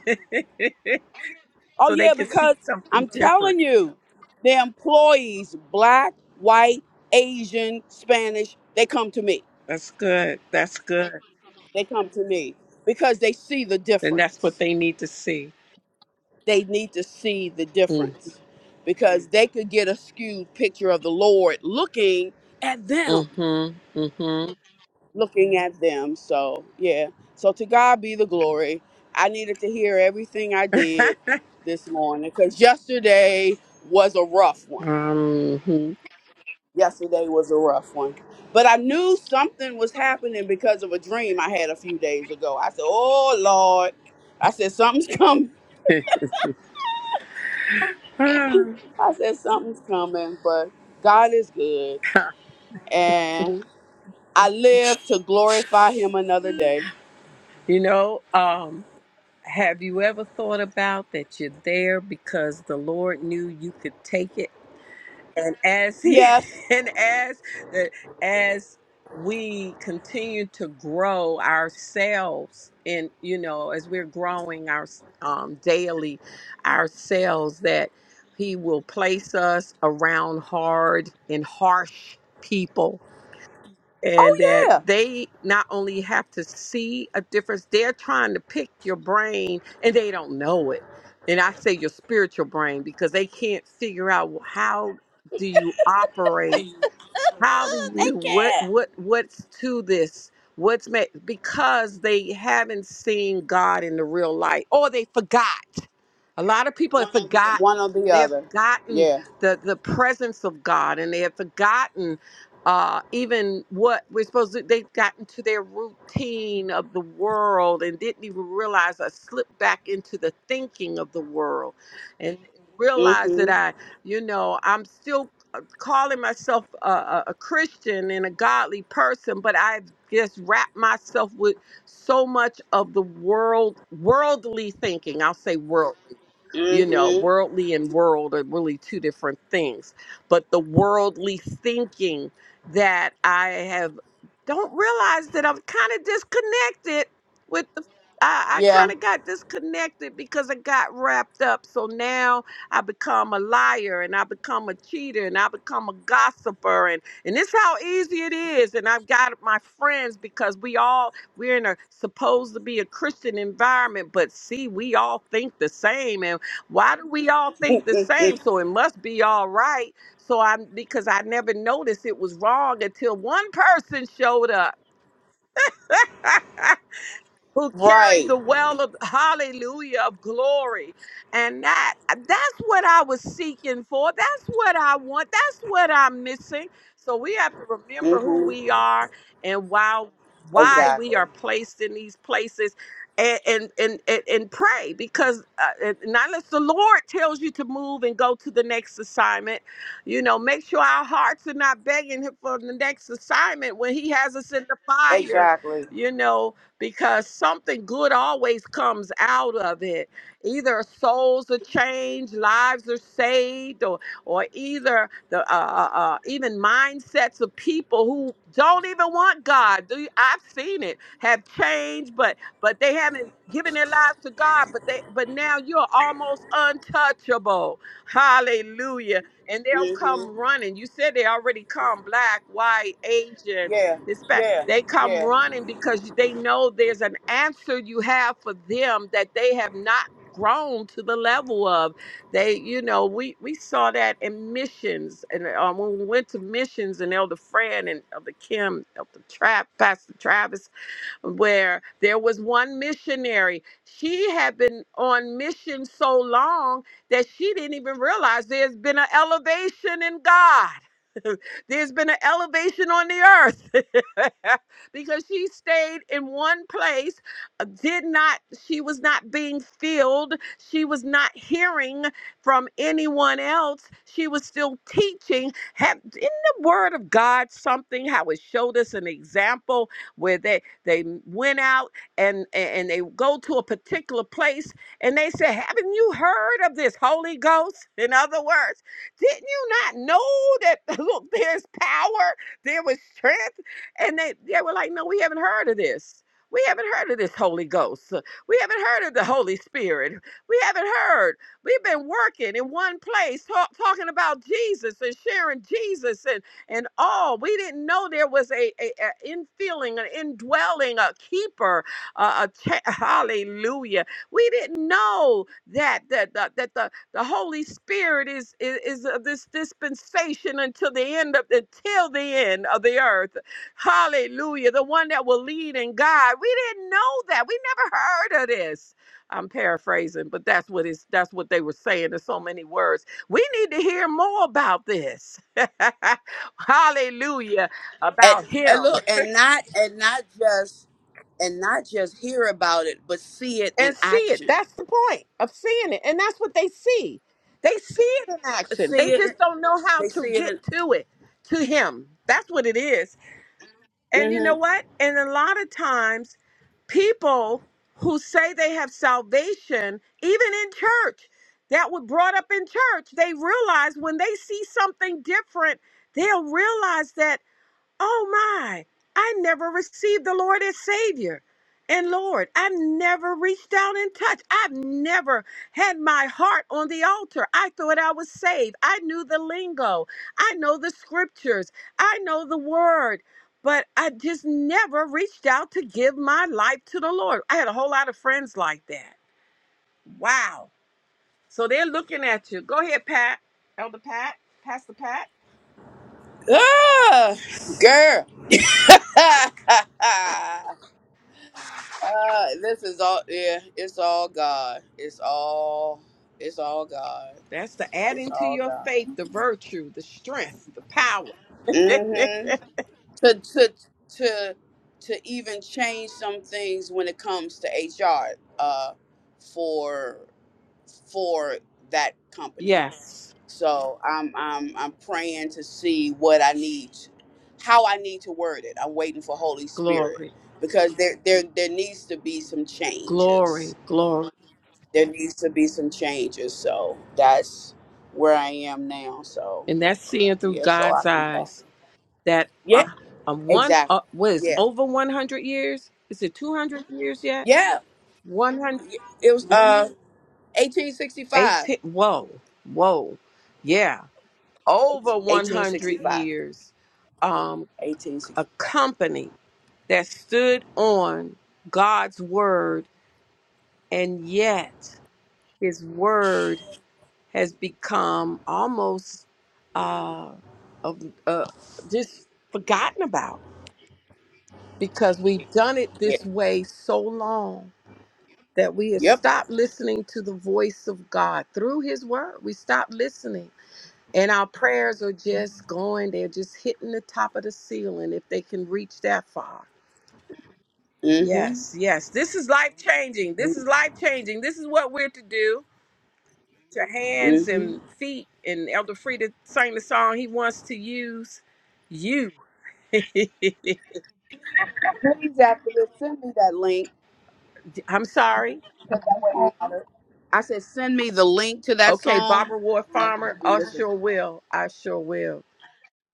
[SPEAKER 8] Oh,
[SPEAKER 2] so they
[SPEAKER 8] yeah.
[SPEAKER 2] can see
[SPEAKER 8] Because
[SPEAKER 2] something
[SPEAKER 8] I'm
[SPEAKER 2] different.
[SPEAKER 8] telling you, the employees, black, white, Asian, Spanish, they come to me.
[SPEAKER 2] That's good. That's good.
[SPEAKER 8] They come to me because they see the
[SPEAKER 2] And that's what
[SPEAKER 8] difference.
[SPEAKER 2] they need to see.
[SPEAKER 8] They need to see the
[SPEAKER 2] Mm,
[SPEAKER 8] difference because they could get a skewed picture of the Lord looking at them.
[SPEAKER 2] mm-hmm. Mm-hmm.
[SPEAKER 8] looking at them. So yeah. So to God be the glory. I needed to hear everything I did this morning because yesterday was a rough one. Yesterday was a rough one. But I knew something was happening because of a dream I had a few days ago. I said, Oh Lord. I said something's coming.
[SPEAKER 2] mm
[SPEAKER 8] I said something's coming, but God is good. And I live to glorify him another day.
[SPEAKER 2] You know, um, have you ever thought about that you're there because the Lord knew you could take it? And as he
[SPEAKER 8] Yes.
[SPEAKER 2] and as that as we continue to grow ourselves and you know, as we're growing our um daily ourselves that he will place us around hard and harsh people and
[SPEAKER 8] Oh
[SPEAKER 2] that
[SPEAKER 8] yeah.
[SPEAKER 2] they not only have to see a difference, they're trying to pick your brain and they don't know it. And I say your spiritual brain because they can't figure out well, how do you operate? How do you what what what's to this? What's made because they haven't seen God in the real light or they forgot a lot of people have forgotten.
[SPEAKER 8] One or the
[SPEAKER 2] They have
[SPEAKER 8] other.
[SPEAKER 2] forgotten
[SPEAKER 8] Yeah.
[SPEAKER 2] the the presence of God, and they have forgotten uh, even what we're supposed to. They've gotten to their routine of the world and didn't even realize I slipped back into the thinking of the world, and realized that
[SPEAKER 8] hmm
[SPEAKER 2] I, you know, I'm still uh, calling myself a, a, a Christian and a godly person, but I've just wrapped myself with so much of the world worldly thinking. I'll say world. You know,
[SPEAKER 8] hmm
[SPEAKER 2] worldly and world are really two different things. But the worldly thinking that I have don't realize that I'm kind of disconnected with the I, I
[SPEAKER 8] Yeah,
[SPEAKER 2] kind of got disconnected because I got wrapped up. So now I become a liar and I become a cheater and I become a gossiper and and this how easy it is. And I've got my friends because we all we're in a supposed to be a Christian environment, but see, we all think the same. and. Why do we all think the
[SPEAKER 8] hmm
[SPEAKER 2] same? So it must be all right. So I'm because I never noticed it was wrong until one person showed up. who carries
[SPEAKER 8] right.
[SPEAKER 2] the well of hallelujah of glory and that that's what i was seeking for that's what i want that's what i'm missing so we have to remember who
[SPEAKER 8] hmm
[SPEAKER 2] we are and why why we
[SPEAKER 8] Exactly.
[SPEAKER 2] are placed in these places and and and, and, and pray because uh, and not unless the lord tells you to move and go to the next assignment you know make sure our hearts are not begging him for the next assignment when he has us in the fire
[SPEAKER 8] Exactly.
[SPEAKER 2] you know because something good always comes out of it. Either souls are changed, lives are saved, or or either the uh, uh, uh, even mindsets of people who don't even want God. Do you- I've seen it have changed, but but they haven't given their lives to God. But they but now you're almost untouchable. Hallelujah! And they'll
[SPEAKER 8] hmm
[SPEAKER 2] come running. You said they already come black, white, Asian
[SPEAKER 8] Yeah,
[SPEAKER 2] this back,
[SPEAKER 8] yeah,
[SPEAKER 2] they come
[SPEAKER 8] yeah.
[SPEAKER 2] running because they know there's an answer you have for them that they have not grown to the level of. They, you know, we we saw that in missions, and uh, when we went to missions, and Elder Fran and Elder Kim, Elder Trap, Pastor Travis where there was one missionary. She had been on mission so long that she didn't even realize there's been an elevation in God. There's been an elevation on the earth because she stayed in one place, uh, did not, she was not being filled, she was not hearing from anyone else, she was still teaching. Have, is the word of God something how it showed us an example? where that they went out and and they go to a particular place and they said, "Haven't you heard of this Holy Ghost?" In other words, didn't you not know that look, there's power, there was strength, and they they were like, "No, we haven't heard of this." We haven't heard of this Holy Ghost. We haven't heard of the Holy Spirit. We haven't heard. We've been working in one place, talk, talking about Jesus and sharing Jesus. and." and all. We didn't know there was a, a, a infilling, an indwelling, a keeper. Uh, a cha- hallelujah. We didn't know that that that, that the, the Holy Spirit is is, is of this dispensation until the end of until the end of the earth. Hallelujah. The one that will lead and guide. We didn't know that. We never heard of this. I'm paraphrasing, but that's what is that's what they were saying in so many words. We need to hear more about this. hallelujah,
[SPEAKER 8] And,
[SPEAKER 2] about
[SPEAKER 8] and
[SPEAKER 2] him
[SPEAKER 8] look, and not and not just and not just hear about it, but see it
[SPEAKER 2] and
[SPEAKER 8] in
[SPEAKER 2] see it.
[SPEAKER 8] action.
[SPEAKER 2] That's the point of seeing it. And that's what they see. They see it in action. They
[SPEAKER 8] See it.
[SPEAKER 2] just don't know how
[SPEAKER 8] They
[SPEAKER 2] to
[SPEAKER 8] see it
[SPEAKER 2] get
[SPEAKER 8] in.
[SPEAKER 2] to it, to him. That's what it is. And you know
[SPEAKER 8] hmm
[SPEAKER 2] what? And a lot of times, people who say they have salvation, even in church, that were brought up in church, they realize when they see something different, they'll realize that. Oh my, I never received the Lord as Savior. And Lord, I've never reached out and touched. I've never had my heart on the altar. I thought I was saved. I knew the lingo. I know the scriptures. I know the word. But I just never reached out to give my life to the Lord. I had a whole lot of friends like that. Wow. So they're looking at you. Go ahead, Pat. Elder Pat. Pastor Pat.
[SPEAKER 8] Ah, girl. Ah, this is all. Yeah, it's all God. It's all. It's all God.
[SPEAKER 2] That's the
[SPEAKER 8] It's
[SPEAKER 2] adding to
[SPEAKER 8] all
[SPEAKER 2] your
[SPEAKER 8] God.
[SPEAKER 2] faith, the virtue, the strength, the power.
[SPEAKER 8] hmm To to to to even change some things when it comes to HR uh, for for that company.
[SPEAKER 2] yes.
[SPEAKER 8] So I'm I'm I'm praying to see what I need, how I need to word it. I'm waiting for Holy Spirit
[SPEAKER 2] Glory,
[SPEAKER 8] because there there there needs to be some
[SPEAKER 2] glory,
[SPEAKER 8] changes.
[SPEAKER 2] glory.
[SPEAKER 8] There needs to be some changes. So that's where I am now. So
[SPEAKER 2] And that's seeing through
[SPEAKER 8] yeah, so I
[SPEAKER 2] God's
[SPEAKER 8] can talk.
[SPEAKER 2] eyes that uh,
[SPEAKER 8] Yeah,
[SPEAKER 2] a one
[SPEAKER 8] exactly.
[SPEAKER 2] uh, was
[SPEAKER 8] Yeah.
[SPEAKER 2] over 100 years. Is it 200 years yet?
[SPEAKER 8] Yeah,
[SPEAKER 2] 118.
[SPEAKER 8] it was uh 1865.
[SPEAKER 2] Whoa, whoa. Yeah. Over 100
[SPEAKER 8] 1865.
[SPEAKER 2] years. Um, a
[SPEAKER 8] 1865.
[SPEAKER 2] company that stood on God's word and yet his word has become almost uh, of uh, just forgotten about because we've done it
[SPEAKER 8] Yeah.
[SPEAKER 2] this way so long that we have
[SPEAKER 8] Yep.
[SPEAKER 2] stopped listening to the voice of God through his word. We stopped listening and our prayers are just going they're just hitting the top of the ceiling if they can reach that far.
[SPEAKER 8] hmm
[SPEAKER 2] Yes, yes. This is life changing. This is life changing. This is what we're to do. your hands
[SPEAKER 8] hmm
[SPEAKER 2] and feet. And Elder Frida sang the song, He Wants to Use You.
[SPEAKER 8] Please, after this, send me that link.
[SPEAKER 2] I'm sorry.
[SPEAKER 8] That way I I said, send me the link to that
[SPEAKER 2] Okay,
[SPEAKER 8] song.
[SPEAKER 2] Barbara Ward Farmer,
[SPEAKER 8] And
[SPEAKER 2] I
[SPEAKER 8] this is-
[SPEAKER 2] sure will. I sure will.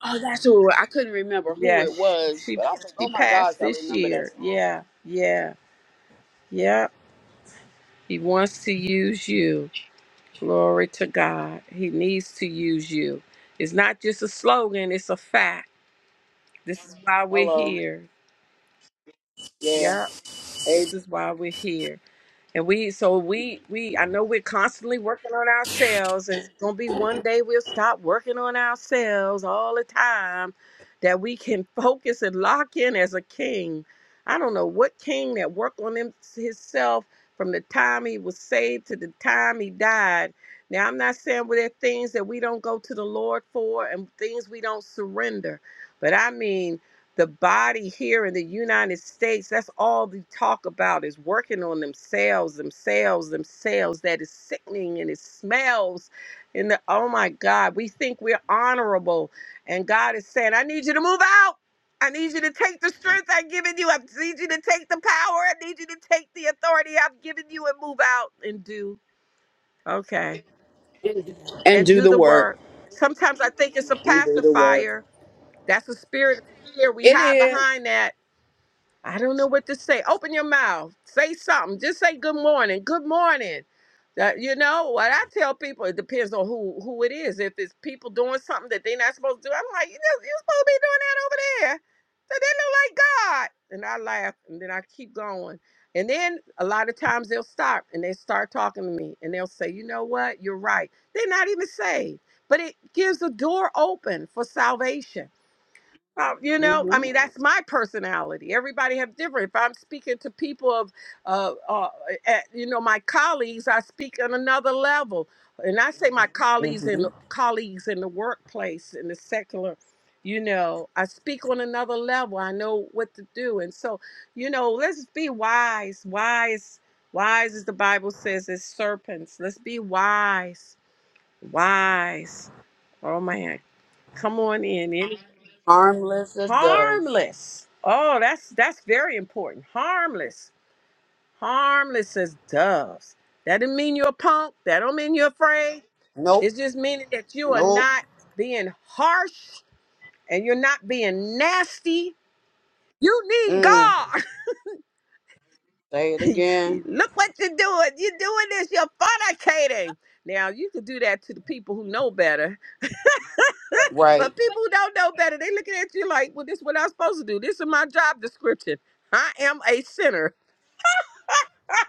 [SPEAKER 8] Oh, that's who I couldn't remember who
[SPEAKER 2] Yeah,
[SPEAKER 8] it
[SPEAKER 2] sh-
[SPEAKER 8] was,
[SPEAKER 2] she
[SPEAKER 8] but I was like,
[SPEAKER 2] she
[SPEAKER 8] oh my gosh,
[SPEAKER 2] passed
[SPEAKER 8] I
[SPEAKER 2] this
[SPEAKER 8] remember that
[SPEAKER 2] year.
[SPEAKER 8] song.
[SPEAKER 2] Yeah, yeah, yeah. He wants to use you. Glory to God. He needs to use you. It's not just a slogan, it's a fact. This is why we're
[SPEAKER 8] Hello.
[SPEAKER 2] here.
[SPEAKER 8] Yeah.
[SPEAKER 2] Yeah, this
[SPEAKER 8] It-
[SPEAKER 2] is why we're here. And we, so we, we, I know we're constantly working on ourselves, and it's gonna be one day we'll stop working on ourselves all the time, that we can focus and lock in as a king. I don't know what king that worked on him, himself from the time he was saved to the time he died. Now I'm not saying well, there are things that we don't go to the Lord for and things we don't surrender, but I mean the body here in the United States, that's all they talk about is working on themselves, themselves, themselves. That is sickening and it smells. And the, oh my God, we think we're honorable. And God is saying, I need you to move out. I need you to take the strength I've given you. I need you to take the power. I need you to take the authority I've given you and move out and do. Okay.
[SPEAKER 8] and
[SPEAKER 2] And
[SPEAKER 8] do
[SPEAKER 2] do
[SPEAKER 8] the
[SPEAKER 2] the
[SPEAKER 8] work.
[SPEAKER 2] work. Sometimes I think it's a
[SPEAKER 8] And do the work.
[SPEAKER 2] pacifier. That's a spirit of fear. We hide
[SPEAKER 8] It
[SPEAKER 2] behind that I don't know what to say. Open your mouth. Say something. Just say good morning. Good morning. That you know what I tell people. It depends on who who it is. If it's people doing something that they're not supposed to do, I'm like, you just, you're supposed to be doing that over there. So they look like God. And I laugh, and then I keep going. And then a lot of times they'll stop and they start talking to me, and they'll say, you know what, you're right. They're not even saved, but it gives a door open for salvation uh, you know, I
[SPEAKER 8] Mm-hmm.
[SPEAKER 2] mean, that's my personality. Everybody have different. If I'm speaking to people of, uh, uh, at, you know, my colleagues, I speak on another level, and I say my Mhm. colleagues
[SPEAKER 8] Mm-hmm.
[SPEAKER 2] in colleagues in the workplace in the secular. You know, I speak on another level. I know what to do, and so, you know, let's be wise. Wise, wise, as the Bible says, as serpents. Let's be wise, wise. Oh man, come on in. any
[SPEAKER 8] Harmless as doves.
[SPEAKER 2] harmless. Oh, that's that's very important. Harmless, harmless as doves. That doesn't mean you're a punk. That don't mean you're afraid.
[SPEAKER 8] Nope.
[SPEAKER 2] It's just meaning that you are
[SPEAKER 8] Nope.
[SPEAKER 2] not being harsh and you're not being nasty. You need
[SPEAKER 8] Mm.
[SPEAKER 2] God.
[SPEAKER 8] Say it again.
[SPEAKER 2] Look what you're doing. You're doing this. You're fornicating. Now you could do that to the people who know better,
[SPEAKER 8] Right.
[SPEAKER 2] but people who don't know better, they looking at you like, "Well, this is what I'm supposed to do. This is my job description. I am a sinner."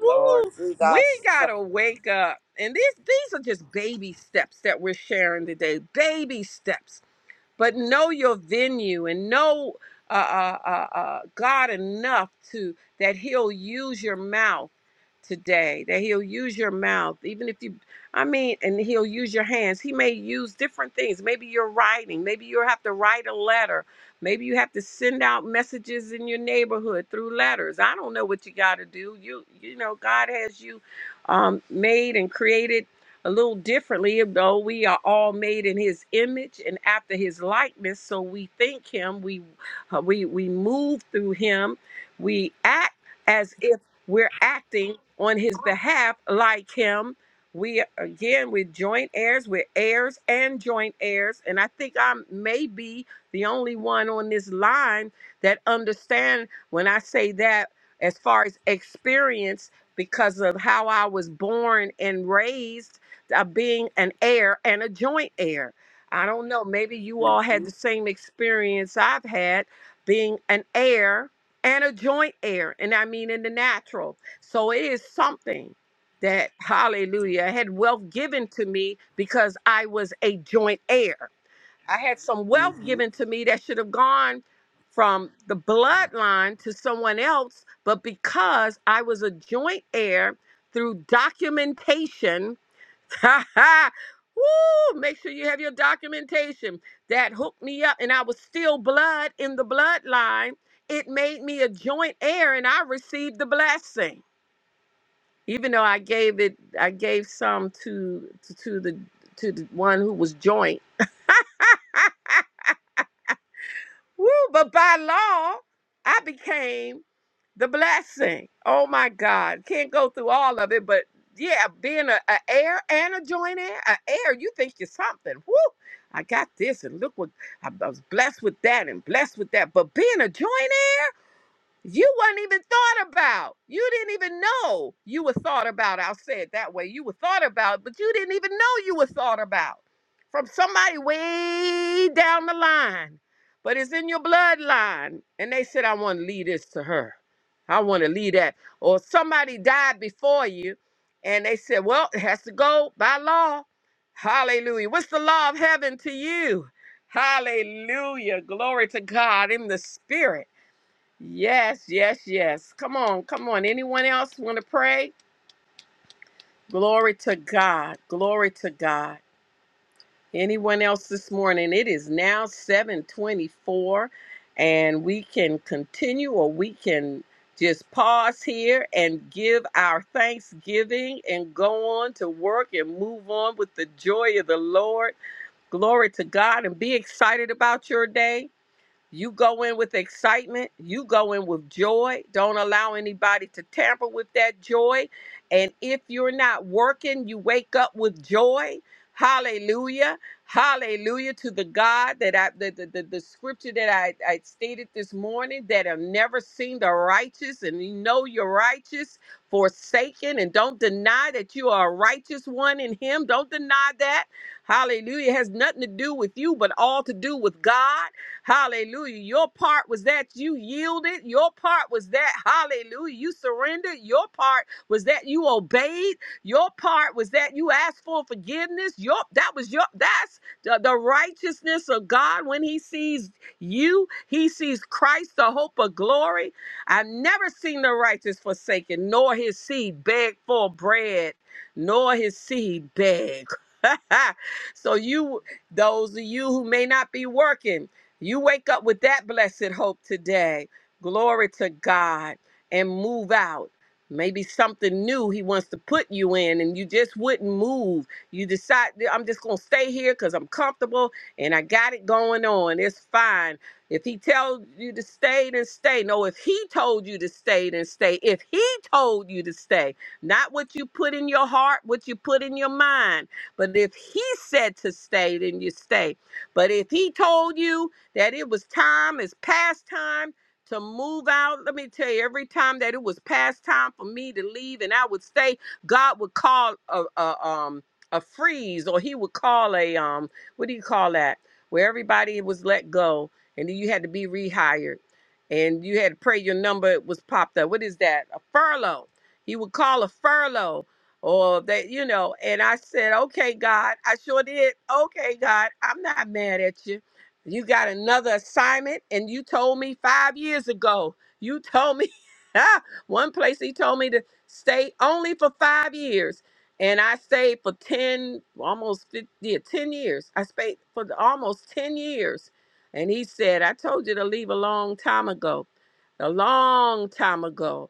[SPEAKER 8] Lord
[SPEAKER 2] We
[SPEAKER 8] Jesus.
[SPEAKER 2] gotta wake up. And these these are just baby steps that we're sharing today. Baby steps but know your venue and know uh, uh, uh, uh, God enough to that He'll use your mouth today. That He'll use your mouth, even if you, I mean, and He'll use your hands. He may use different things. Maybe you're writing. Maybe you will have to write a letter. Maybe you have to send out messages in your neighborhood through letters. I don't know what you got to do. You you know God has you um, made and created a little differently, though we are all made in His image and after His likeness. So we think Him, we uh, we we move through Him, we act as if we're acting on His behalf, like Him. We again, we're joint heirs, we're heirs and joint heirs, and I think I may be the only one on this line that understand when I say that as far as experience because of how I was born and raised of being an heir and a joint heir. I don't know. Maybe you all had
[SPEAKER 8] Mm-hmm.
[SPEAKER 2] the same experience I've had being an heir and a joint heir. And I mean in the natural. So it is something that, hallelujah, had wealth given to me because I was a joint heir. I had some wealth
[SPEAKER 8] Mm-hmm.
[SPEAKER 2] given to me that should have gone from the bloodline to someone else, but because I was a joint heir through documentation Ha ha! Woo! Make sure you have your documentation. That hooked me up, and I was still blood in the bloodline. It made me a joint heir, and I received the blessing. Even though I gave it, I gave some to to, to the to the one who was joint. Woo! But by law, I became the blessing. Oh my God. Can't go through all of it, but yeah, being a, a heir and a joint heir, a heir, you think you're something. Woo! I got this, and look what I, I was blessed with that, and blessed with that. But being a joint heir. You weren't even thought about. You didn't even know you were thought about. I'll say it that way. You were thought about, but you didn't even know you were thought about from somebody way down the line. But it's in your bloodline. And they said, I want to leave this to her. I want to leave that. Or somebody died before you. And they said, Well, it has to go by law. Hallelujah. What's the law of heaven to you? Hallelujah. Glory to God in the spirit. Yes, yes, yes. Come on, come on. Anyone else want to pray? Glory to God. Glory to God. Anyone else this morning? It is now 724 and we can continue or we can just pause here and give our thanksgiving and go on to work and move on with the joy of the Lord. Glory to God and be excited about your day you go in with excitement. You go in with joy. Don't allow anybody to tamper with that joy. And if you're not working, you wake up with joy. Hallelujah. Hallelujah to the God that I, the, the, the, the scripture that I, I stated this morning that have never seen the righteous, and you know you're righteous, forsaken, and don't deny that you are a righteous one in Him. Don't deny that. Hallelujah. It has nothing to do with you, but all to do with God. Hallelujah. Your part was that you yielded. Your part was that, hallelujah, you surrendered. Your part was that you obeyed. Your part was that you asked for forgiveness. Your that was your that's the, the righteousness of God when he sees you, he sees Christ, the hope of glory. I've never seen the righteous forsaken, nor his seed beg for bread, nor his seed beg. so you those of you who may not be working you wake up with that blessed hope today. Glory to God and move out. Maybe something new he wants to put you in and you just wouldn't move. You decide, I'm just going to stay here because I'm comfortable and I got it going on. It's fine. If he tells you to stay, then stay. No, if he told you to stay, then stay. If he told you to stay, not what you put in your heart, what you put in your mind. But if he said to stay, then you stay. But if he told you, that it was time, it's past time to move out. Let me tell you, every time that it was past time for me to leave and I would stay, God would call a, a um a freeze or he would call a um what do you call that? Where everybody was let go and then you had to be rehired and you had to pray your number was popped up. What is that? A furlough. He would call a furlough or that, you know, and I said, okay, God, I sure did. Okay, God, I'm not mad at you. You got another assignment, and you told me five years ago. You told me one place he told me to stay only for five years, and I stayed for ten, almost 50, yeah, ten years. I stayed for the- almost ten years, and he said, "I told you to leave a long time ago, a long time ago."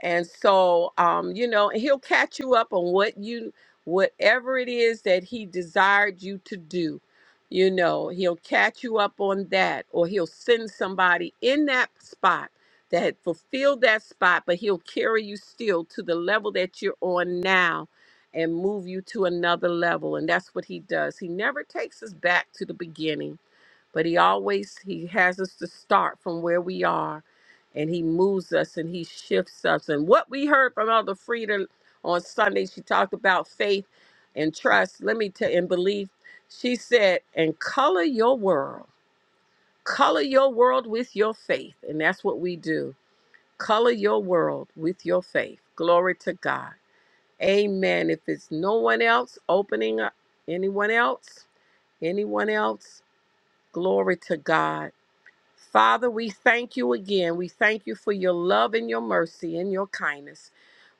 [SPEAKER 2] And so, um, you know, and he'll catch you up on what you, whatever it is that he desired you to do. You know, he'll catch you up on that, or he'll send somebody in that spot that had fulfilled that spot, but he'll carry you still to the level that you're on now and move you to another level. And that's what he does. He never takes us back to the beginning but he always he has us to start from where we are and he moves us and he shifts us and what we heard from elder Frieda on sunday she talked about faith and trust let me tell and belief she said and color your world color your world with your faith and that's what we do color your world with your faith glory to god amen if it's no one else opening up anyone else anyone else glory to god Father, we thank you again. We thank you for your love and your mercy and your kindness.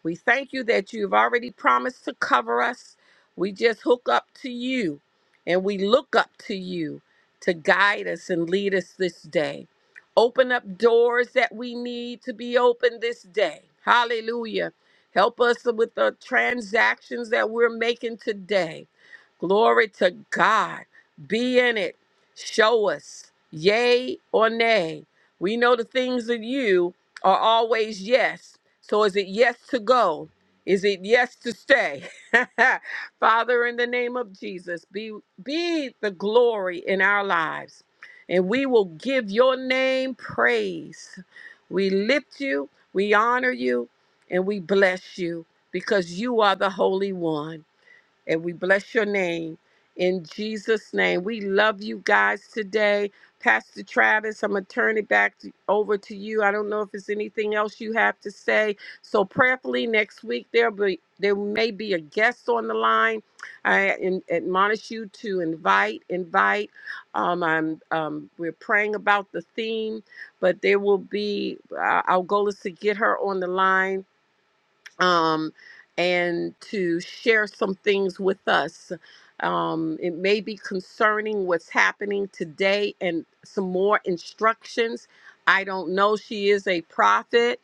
[SPEAKER 2] We thank you that you've already promised to cover us. We just hook up to you and we look up to you to guide us and lead us this day. Open up doors that we need to be open this day. Hallelujah. Help us with the transactions that we're making today. Glory to God. Be in it. Show us, yay or nay. We know the things of you are always yes, so is it yes to go? Is it yes to stay? Father, in the name of Jesus, be be the glory in our lives. And we will give your name praise. We lift you, we honor you, and we bless you because you are the Holy One. And we bless your name in Jesus' name. We love you guys today. Pastor Travis, I'm going to turn it back to, over to you. I don't know if there's anything else you have to say. So prayerfully next week there will be there may be a guest on the line. I in, admonish you to invite, invite. Um, I'm um, we're praying about the theme, but there will be. Uh, our goal is to get her on the line um, and to share some things with us. Um, it may be concerning what's happening today and some more instructions. I don't know. She is a prophet.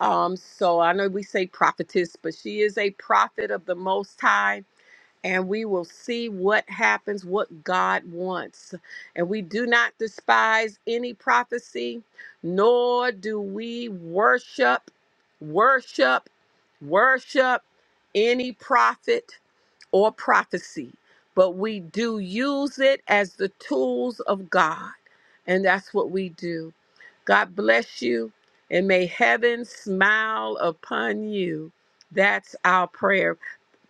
[SPEAKER 2] Um, so I know we say prophetess, but she is a prophet of the Most High and we will see what happens, what God wants. And we do not despise any prophecy, nor do we worship, worship, worship any prophet or prophecy, but we do use it as the tools of God. And that's what we do. God bless you, and may heaven smile upon you. That's our prayer.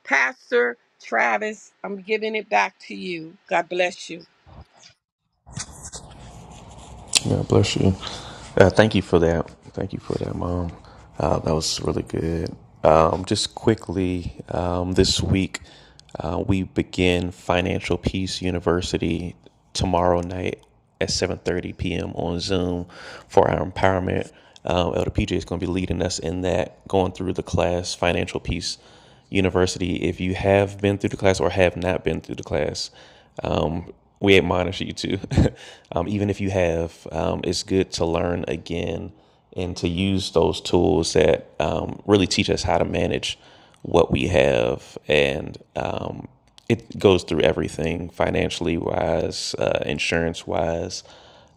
[SPEAKER 2] Pastor Travis, I'm giving it back to you. God bless you.
[SPEAKER 1] God bless you. Uh, thank you for that. Thank you for that, Mom. Uh, that was really good. Um, just quickly, um, this week uh, we begin Financial Peace University tomorrow night at 7.30 p.m. on Zoom for our empowerment. Um, Elder PJ is going to be leading us in that, going through the class, Financial Peace university, if you have been through the class or have not been through the class, um, we admonish you to. um, even if you have, um, it's good to learn again and to use those tools that um, really teach us how to manage what we have. And um, it goes through everything financially wise, uh, insurance wise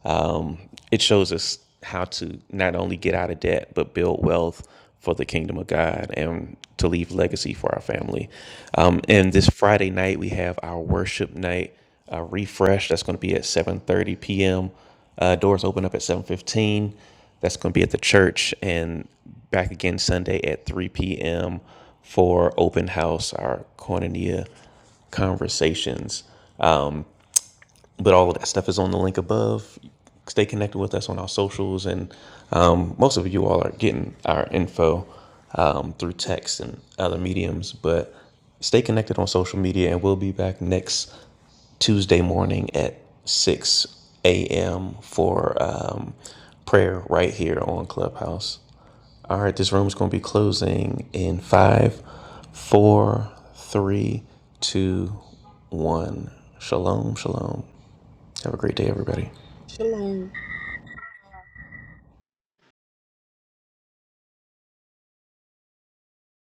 [SPEAKER 1] um, it shows us how to not only get out of debt but build wealth for the kingdom of god and to leave legacy for our family um, and this friday night we have our worship night uh, refresh that's going to be at 7.30 p.m uh, doors open up at 7.15 that's going to be at the church and back again sunday at 3 p.m for open house our cornelia conversations but all of that stuff is on the link above. Stay connected with us on our socials, and um, most of you all are getting our info um, through text and other mediums. But stay connected on social media, and we'll be back next Tuesday morning at 6 a.m. for um, prayer right here on Clubhouse. All right, this room is going to be closing in five, four, three, two, one. Shalom, shalom. Have a great day, everybody.
[SPEAKER 2] Shalom.